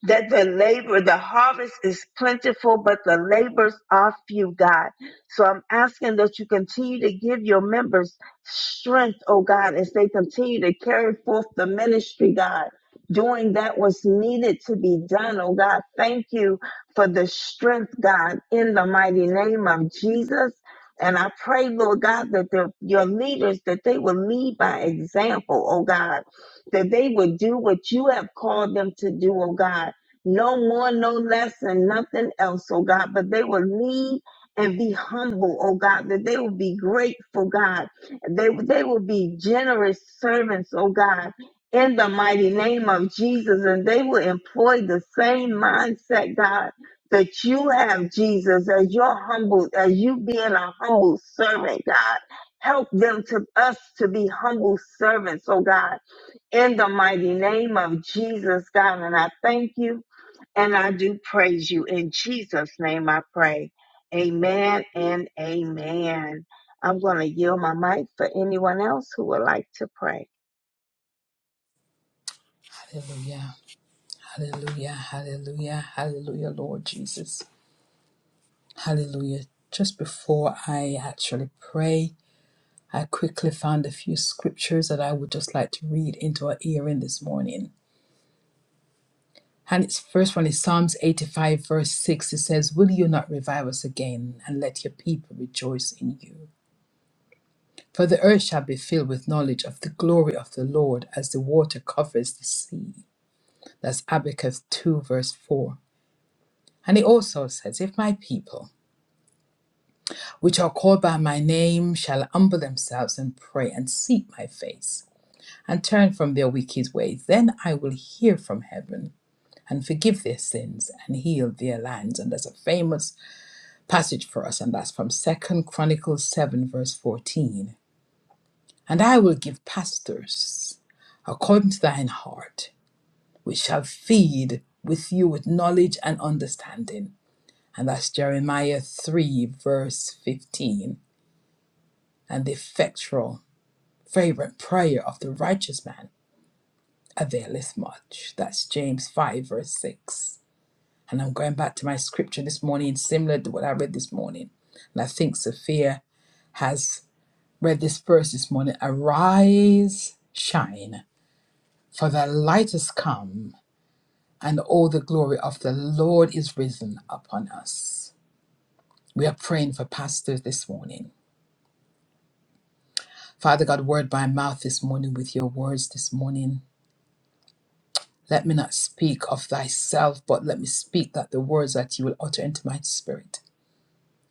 [SPEAKER 1] that the labor, the harvest is plentiful, but the labors are few, God. So I'm asking that you continue to give your members strength, oh God, as they continue to carry forth the ministry, God, doing that was needed to be done, oh God. Thank you for the strength, God, in the mighty name of Jesus. And I pray, Lord God, that the, your leaders, that they will lead by example, oh God that they would do what you have called them to do, oh God no more, no less, and nothing else, oh God. But they will lead and be humble, oh God, that they will be grateful, God. They, they will be generous servants, oh God, in the mighty name of Jesus. And they will employ the same mindset, God, that you have, Jesus, as your humble, as you being a humble servant, God. Help them to us to be humble servants, oh God, in the mighty name of Jesus, God. And I thank you. And I do praise you. In Jesus' name I pray. Amen and amen. I'm going to yield my mic for anyone else who would like to pray.
[SPEAKER 4] Hallelujah. Hallelujah, hallelujah, hallelujah, Lord Jesus. Hallelujah. Just before I actually pray, I quickly found a few scriptures that I would just like to read into our earring this morning. And its first one is Psalms 85, verse 6. It says, Will you not revive us again and let your people rejoice in you? For the earth shall be filled with knowledge of the glory of the Lord as the water covers the sea. That's Habakkuk 2, verse 4. And it also says, If my people which are called by my name shall humble themselves and pray and seek my face and turn from their wicked ways. Then I will hear from heaven and forgive their sins and heal their lands. And there's a famous passage for us, and that's from Second Chronicles 7, verse 14. And I will give pastors according to thine heart, which shall feed with you with knowledge and understanding. And that's Jeremiah 3, verse 15. And the effectual Fervent prayer of the righteous man availeth much. That's James 5, verse 6. And I'm going back to my scripture this morning, similar to what I read this morning. And I think Sophia has read this verse this morning Arise, shine, for the light has come, and all the glory of the Lord is risen upon us. We are praying for pastors this morning. Father God, word by mouth this morning with your words this morning. Let me not speak of thyself, but let me speak that the words that you will utter into my spirit.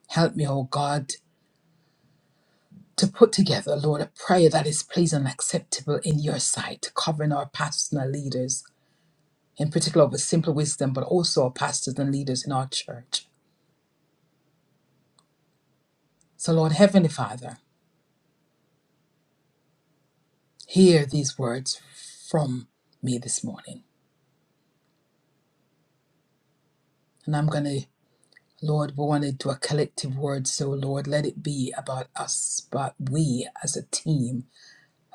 [SPEAKER 4] Help me, O God, to put together, Lord, a prayer that is pleasing and acceptable in your sight, covering our pastors and our leaders, in particular with simple wisdom, but also our pastors and leaders in our church. So, Lord, Heavenly Father, hear these words from me this morning. And I'm going to, Lord, we want to do a collective word. So, Lord, let it be about us, but we as a team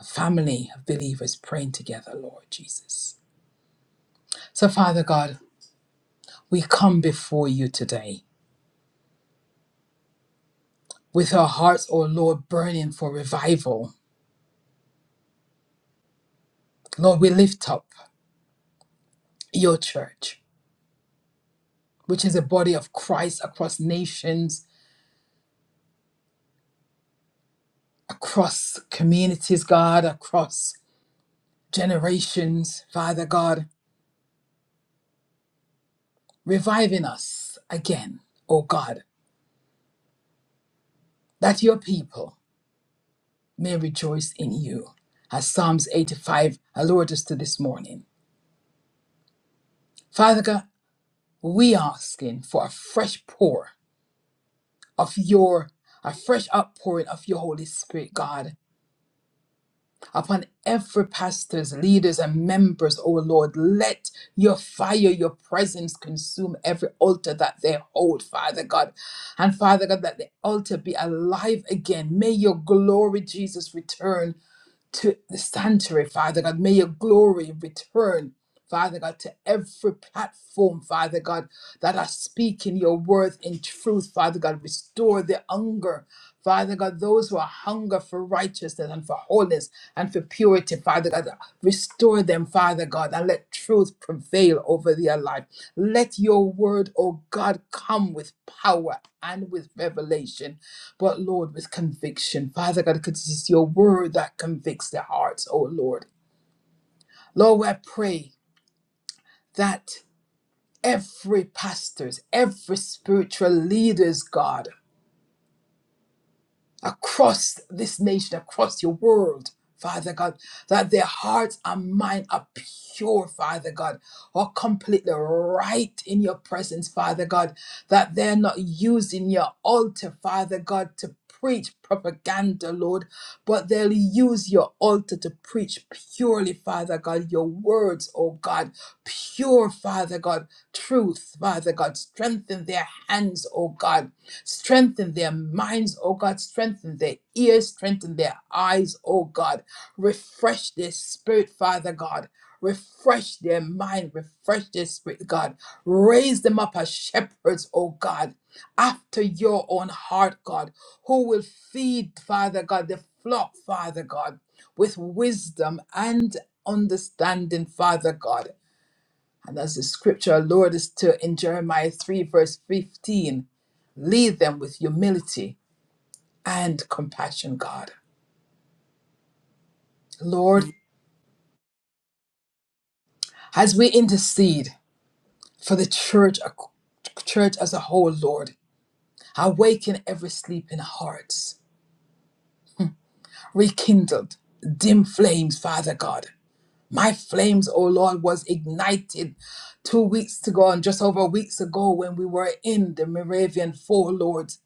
[SPEAKER 4] a family of believers praying together, Lord Jesus. So, Father God, we come before you today with our hearts, oh Lord, burning for revival. Lord, we lift up your church, which is a body of Christ across nations, across communities, God, across generations, Father God, reviving us again, O God, that your people may rejoice in you, as Psalms 85 allured us to this morning. Father God, We asking for a fresh pour of your, a fresh outpouring of your Holy Spirit, God, upon every pastors, leaders, and members, O Lord. Let your fire, your presence consume every altar that they hold, Father God. And Father God, that the altar be alive again. May your glory, Jesus, return to the sanctuary, Father God. May your glory return, Father God, to every platform, Father God, that are speaking your word in truth, Father God. Restore the hunger, Father God, those who are hunger for righteousness and for holiness and for purity, Father God. Restore them, Father God, and let truth prevail over their life. Let your word, oh God, come with power and with revelation, but Lord, with conviction. Father God, because it's your word that convicts the hearts, oh Lord. Lord, I pray that every pastors, every spiritual leaders, God, across this nation, across your world, Father God, that their hearts and mind are pure, Father God, or completely right in your presence, Father God, that they're not using your altar, Father God, to preach propaganda, Lord, but they'll use your altar to preach purely, Father God, your words, oh God, pure, Father God, truth, Father God, strengthen their hands, oh God Strengthen their minds, oh God. Strengthen their ears. Strengthen their eyes, oh God. Refresh their spirit, Father God. Refresh their mind. Refresh their spirit, God. Raise them up as shepherds, oh God, after your own heart, God, who will feed, Father God, the flock, Father God, with wisdom and understanding, Father God. And as the scripture Lord, is to in Jeremiah 3, verse 15, Lead them with humility and compassion, God. Lord, as we intercede for the church, church as a whole, Lord, awaken every sleeping hearts, rekindled dim flames, Father God. My flames, oh Lord, was ignited two weeks ago and just over weeks ago when we were in the Moravian Four Lords.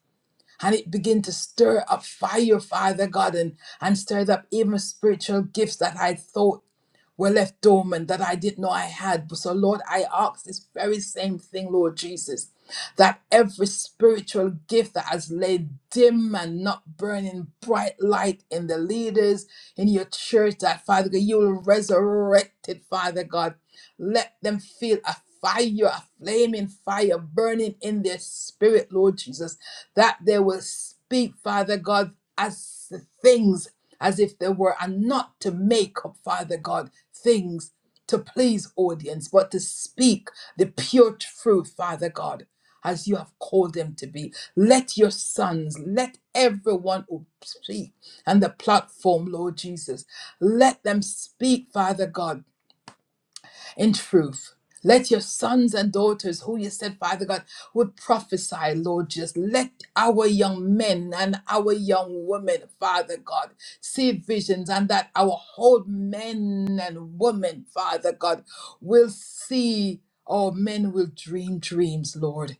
[SPEAKER 4] And it began to stir up fire, Father God, and, and stirred up even spiritual gifts that I thought were left dormant that I didn't know I had. But so, Lord, I ask this very same thing, Lord Jesus, that every spiritual gift that has laid dim and not burning bright light in the leaders in your church, that Father God, you will resurrect it, Father God. Let them feel a fire, a flaming fire burning in their spirit, Lord Jesus, that they will speak, Father God, as the things as if they were, and not to make up, Father God, things to please audience, but to speak the pure truth, Father God, as you have called them to be. Let your sons, let everyone who speak and the platform, Lord Jesus, let them speak, Father God in truth. Let your sons and daughters, who you said, Father God, would prophesy, Lord, just let our young men and our young women, Father God, see visions, and that our old men and women, Father God, will see, or men will dream dreams, Lord.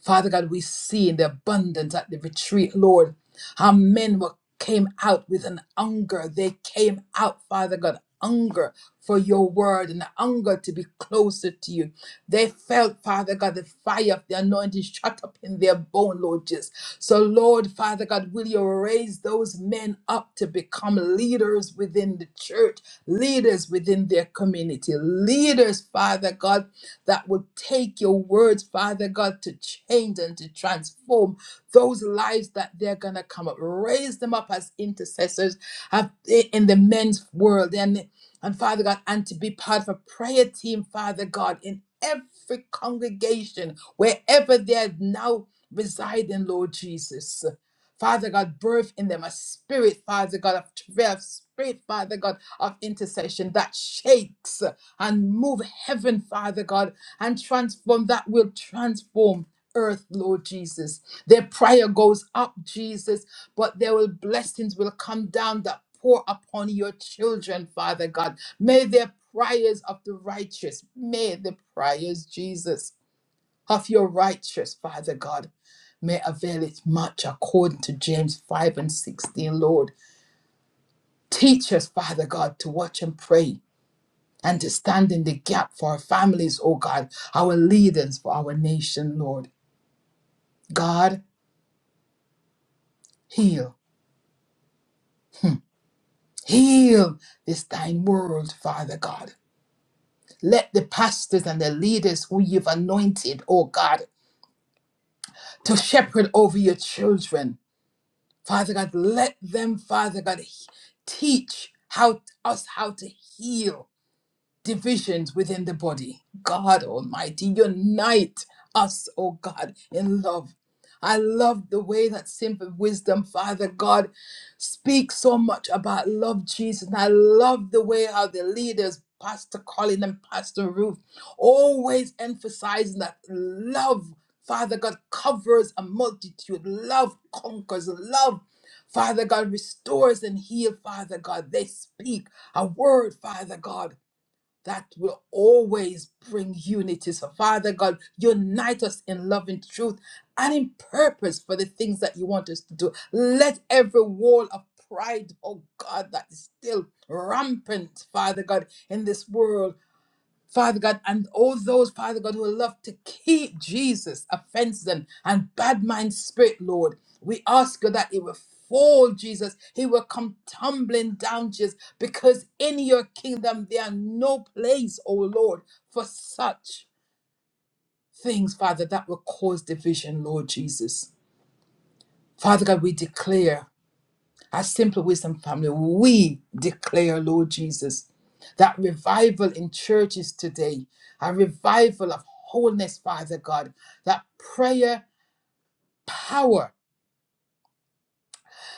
[SPEAKER 4] Father God, we see in the abundance at the retreat, Lord, how men were came out with an hunger. They came out, Father God, hunger for your word and hunger to be closer to you. They felt, Father God, the fire of the anointing shut up in their bone, Lord Jesus. So, Lord, Father God, will you raise those men up to become leaders within the church, leaders within their community, leaders, Father God, that would take your words, Father God, to change and to transform those lives that they're going to come up. Raise them up as intercessors have- eh, in the men's world. And, and Father God, and to be part of a prayer team, Father God, in every congregation, wherever they're now residing, Lord Jesus. Father God, birth in them a spirit, Father God, of prayer, spirit, Father God, of intercession that shakes and move heaven, Father God and transform that will transform earth lord jesus their prayer goes up jesus but there will blessings will come down that pour upon your children father god may their prayers of the righteous may the prayers jesus of your righteous father god may avail it much according to james 5 and 16 lord teach us father god to watch and pray and to stand in the gap for our families, oh God, our leaders, for our nation, Lord. God, heal. Heal this thine world, Father God. Let the pastors and the leaders who you've anointed, oh God, to shepherd over your children, Father God, let them, Father God, he- teach how us how to heal divisions within the body. God Almighty, unite us, oh God, in love. I love the way that simple wisdom, Father God, speaks so much about love, Jesus. And I love the way how the leaders, Pastor Colin and Pastor Ruth, always emphasizing that love, Father God, covers a multitude. Love conquers. Love Father God, restores and heals, Father God. They speak a word, Father God that will always bring unity. So, Father God, unite us in love and truth and in purpose for the things that you want us to do. Let every wall of pride, oh God, that is still rampant, Father God, in this world Father God, and all those, Father God, who love to keep Jesus, offenses and, and bad mind spirit, Lord. We ask you that it will fall, Jesus. He will come tumbling down, Jesus, because in your kingdom there are no place, oh Lord, for such things, Father, that will cause division, Lord Jesus. Father God, we declare. As Simple Wisdom family, we declare, Lord Jesus, that revival in churches today, a revival of wholeness, Father God, that prayer power,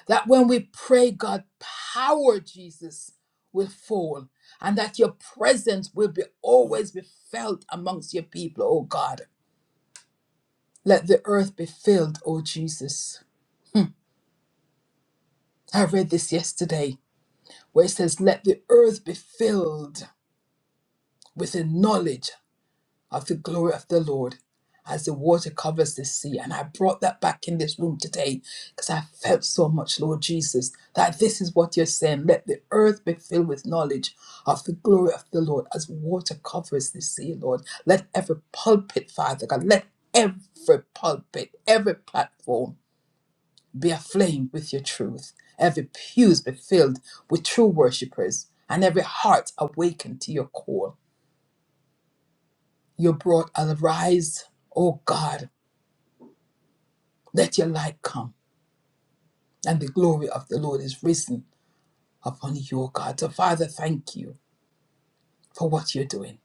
[SPEAKER 4] that when we pray, God, power, Jesus, will fall, and that your presence will be always be felt amongst your people, oh God. Let the earth be filled, oh Jesus. I read this yesterday where it says, Let the earth be filled with the knowledge of the glory of the Lord as the water covers the sea. And I brought that back in this room today because I felt so much, Lord Jesus, that this is what you're saying. Let the earth be filled with knowledge of the glory of the Lord as water covers the sea, Lord. Let every pulpit, Father God, let every pulpit, every platform be aflame with your truth. Every pews be filled with true worshipers and every heart awakened to your call you brought arise, O God, let your light come, and the glory of the Lord is risen upon you, O God. So, Father, thank you for what you're doing.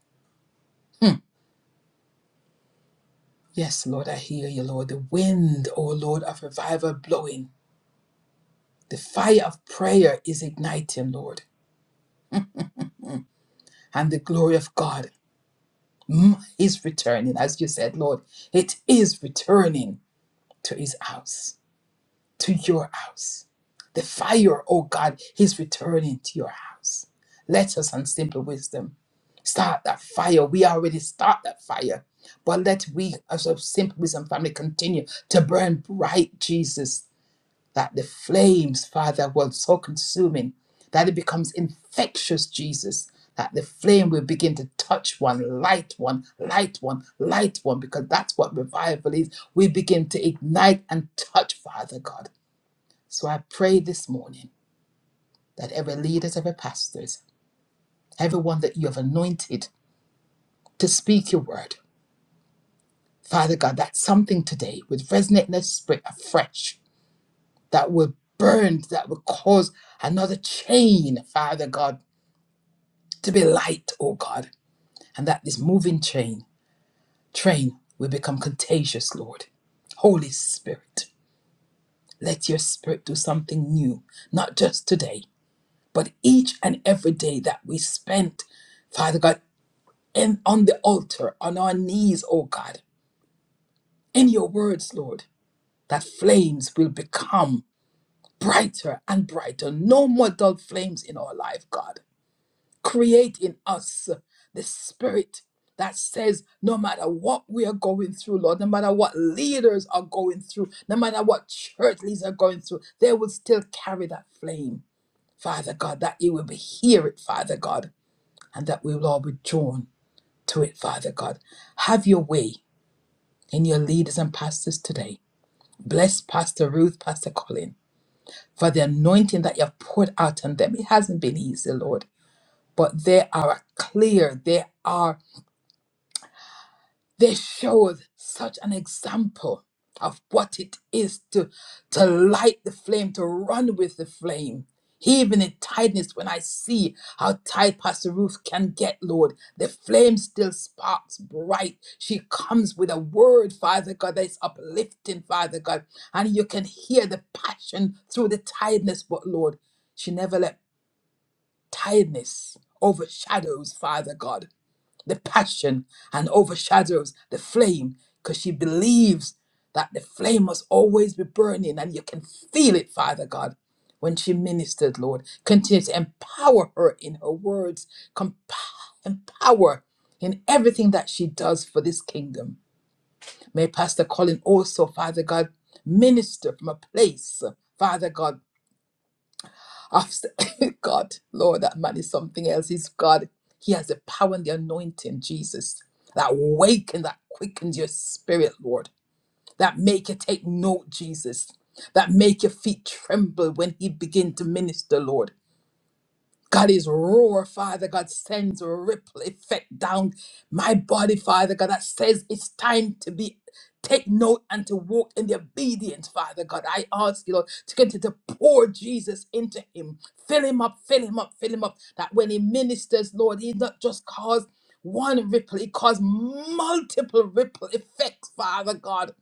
[SPEAKER 4] Yes, Lord, I hear you, Lord. The wind, O Lord, of revival blowing. The fire of prayer is igniting, Lord, and the glory of God mm, is returning. As you said, Lord, it is returning to his house. to your house. The fire, oh God, is returning to your house. Let us on simple wisdom start that fire. We already start that fire. But let we as a simple wisdom family continue to burn bright, Jesus, that the flames, Father, were so consuming that it becomes infectious, Jesus. That the flame will begin to touch one, light one, light one, light one, because that's what revival is. We begin to ignite and touch, Father God. So I pray this morning that every leaders, every pastors, everyone that you have anointed to speak your word, Father God, that something today would resonate in their spirit afresh, that would burn, that would cause another chain, Father God, to be light, oh God, and that this moving chain, train will become contagious, Lord. Holy Spirit, let your spirit do something new, not just today, but each and every day that we spent. Father God, and on the altar, on our knees, oh God. In your words, Lord, that flames will become brighter and brighter. No more dull flames in our life, God. Create in us the spirit that says, no matter what we are going through, Lord, no matter what leaders are going through, no matter what church leaders are going through, they will still carry that flame, Father God, that you will be hear it, Father God, and that we will all be drawn to it, Father God. Have your way in your leaders and pastors today. Bless Pastor Ruth, Pastor Colin, for the anointing that you have poured out on them. It hasn't been easy, Lord, but they are clear. They are. They showed such an example of what it is to, to light the flame, to run with the flame. Even in tightness, when I see how tight Pastor Ruth can get, Lord, the flame still sparks bright. She comes with a word, Father God, that is uplifting, Father God. And you can hear the passion through the tightness, but Lord, she never let tiredness overshadows, Father God the passion and overshadows the flame because she believes that the flame must always be burning and you can feel it, Father God, when she ministered, Lord. Continue to empower her in her words, com- empower in everything that she does for this kingdom. May Pastor Colin also, Father God, minister from a place, Father God. I've said, God, Lord, that man is something else. He's God. He has the power and the anointing, Jesus, that waken, that quickens your spirit, Lord, that make you take note, Jesus, that make your feet tremble when he begin to minister, Lord. God is roar, Father God, sends a ripple effect down my body, Father God, that says it's time to be take note and to walk in the obedience, Father God. I ask you, Lord, to continue to pour Jesus into him. Fill him up, fill him up, fill him up. That when he ministers, Lord, he not just cause one ripple, he caused multiple ripple effects, Father God.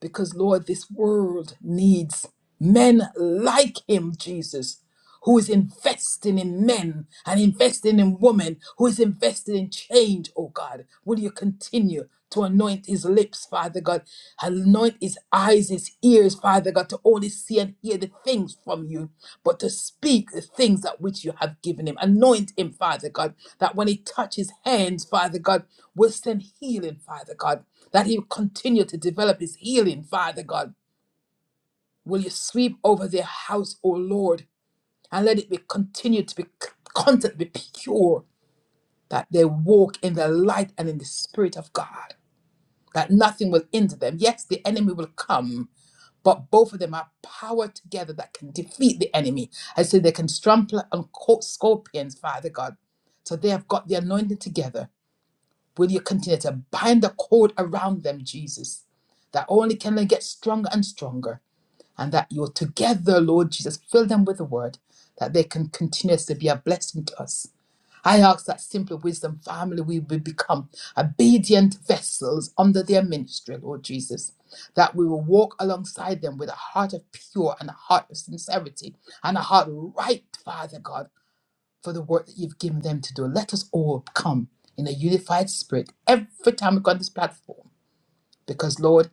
[SPEAKER 4] Because Lord, this world needs men like him, Jesus who is investing in men and investing in women, who is investing in change, oh God. Will you continue to anoint his lips, Father God? Anoint his eyes, his ears, Father God, to only see and hear the things from you, but to speak the things that which you have given him. Anoint him, Father God, that when he touches hands, Father God, will send healing, Father God, that he will continue to develop his healing, Father God. Will you sweep over their house, O Lord? and let it be continued to be content be pure that they walk in the light and in the spirit of god that nothing will hinder them yes the enemy will come but both of them are power together that can defeat the enemy i say they can trample on co- scorpions father god so they have got the anointing together will you continue to bind the cord around them jesus that only can they get stronger and stronger and that you're together, Lord Jesus. Fill them with the word that they can continuously be a blessing to us. I ask that Simply Wisdom family we will become obedient vessels under their ministry, Lord Jesus. That we will walk alongside them with a heart of pure and a heart of sincerity and a heart right, Father God, for the work that you've given them to do. Let us all come in a unified spirit every time we go on this platform because Lord,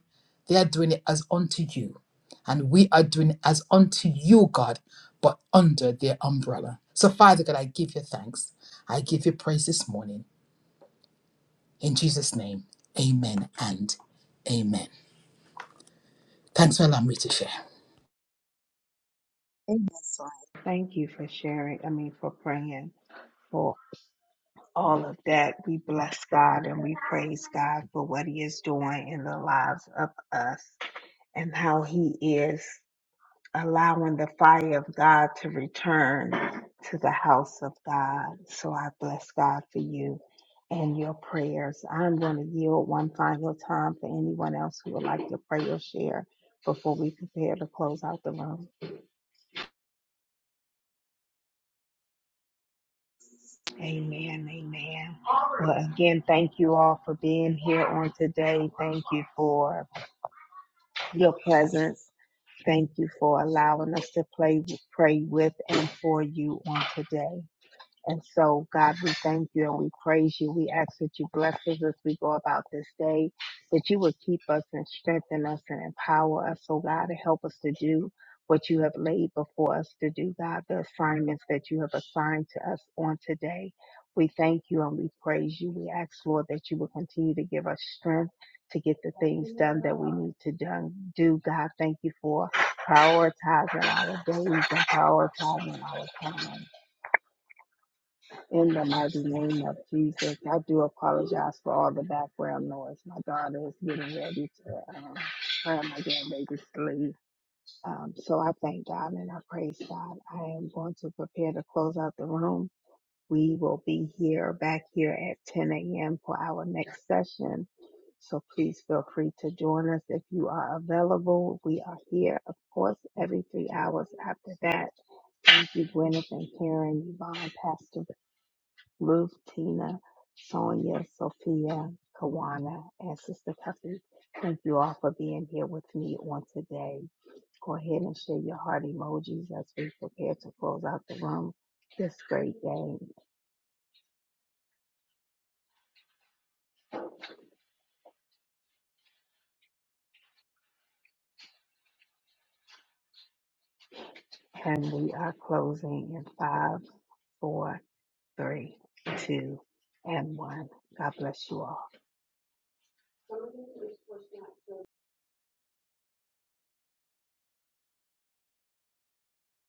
[SPEAKER 4] they are doing it as unto you, and we are doing it as unto you, God, but under their umbrella. So, Father God, I give you thanks. I give you praise this morning. In Jesus' name, amen and amen. Thanks for allowing me to share.
[SPEAKER 1] Amen, Sonia. Thank you for sharing, I mean, for praying for all of that. We bless God and we praise God for what He is doing in the lives of us and how He is. allowing the fire of God to return to the house of God. So I bless God for you and your prayers. I'm going to yield one final time for anyone else who would like to pray or share before we prepare to close out the room. Amen. Amen. Well, again, thank you all for being here on today. Thank you for your presence. Thank you for allowing us to play, pray with and for you on today. And so, God, we thank you and we praise you. We ask that you bless us as we go about this day, that you will keep us and strengthen us and empower us, oh God, and help us to do what you have laid before us to do, God, the assignments that you have assigned to us on today. We thank you and we praise you. We ask, Lord, that you will continue to give us strength to get the things done that we need to done, do, God. Thank you for prioritizing our days and prioritizing our time. In the mighty name of Jesus, I do apologize for all the background noise. My daughter is getting ready to, um, her and my grandbaby sleep. Um, so I thank God and I praise God. I am going to prepare to close out the room. We will be here, back here at 10 a.m. for our next session. So please feel free to join us if you are available. We are here, of course, every three hours after that. Thank you, Gwyneth and Karen, Yvonne, Pastor Ruth, Tina, Sonia, Sophia, Kawana, and Sister Tuffy. Thank you all for being here with me on today. Go ahead and share your heart emojis as we prepare to close out the room this great day. And we are closing in five, four, three, two, and one. God bless you all.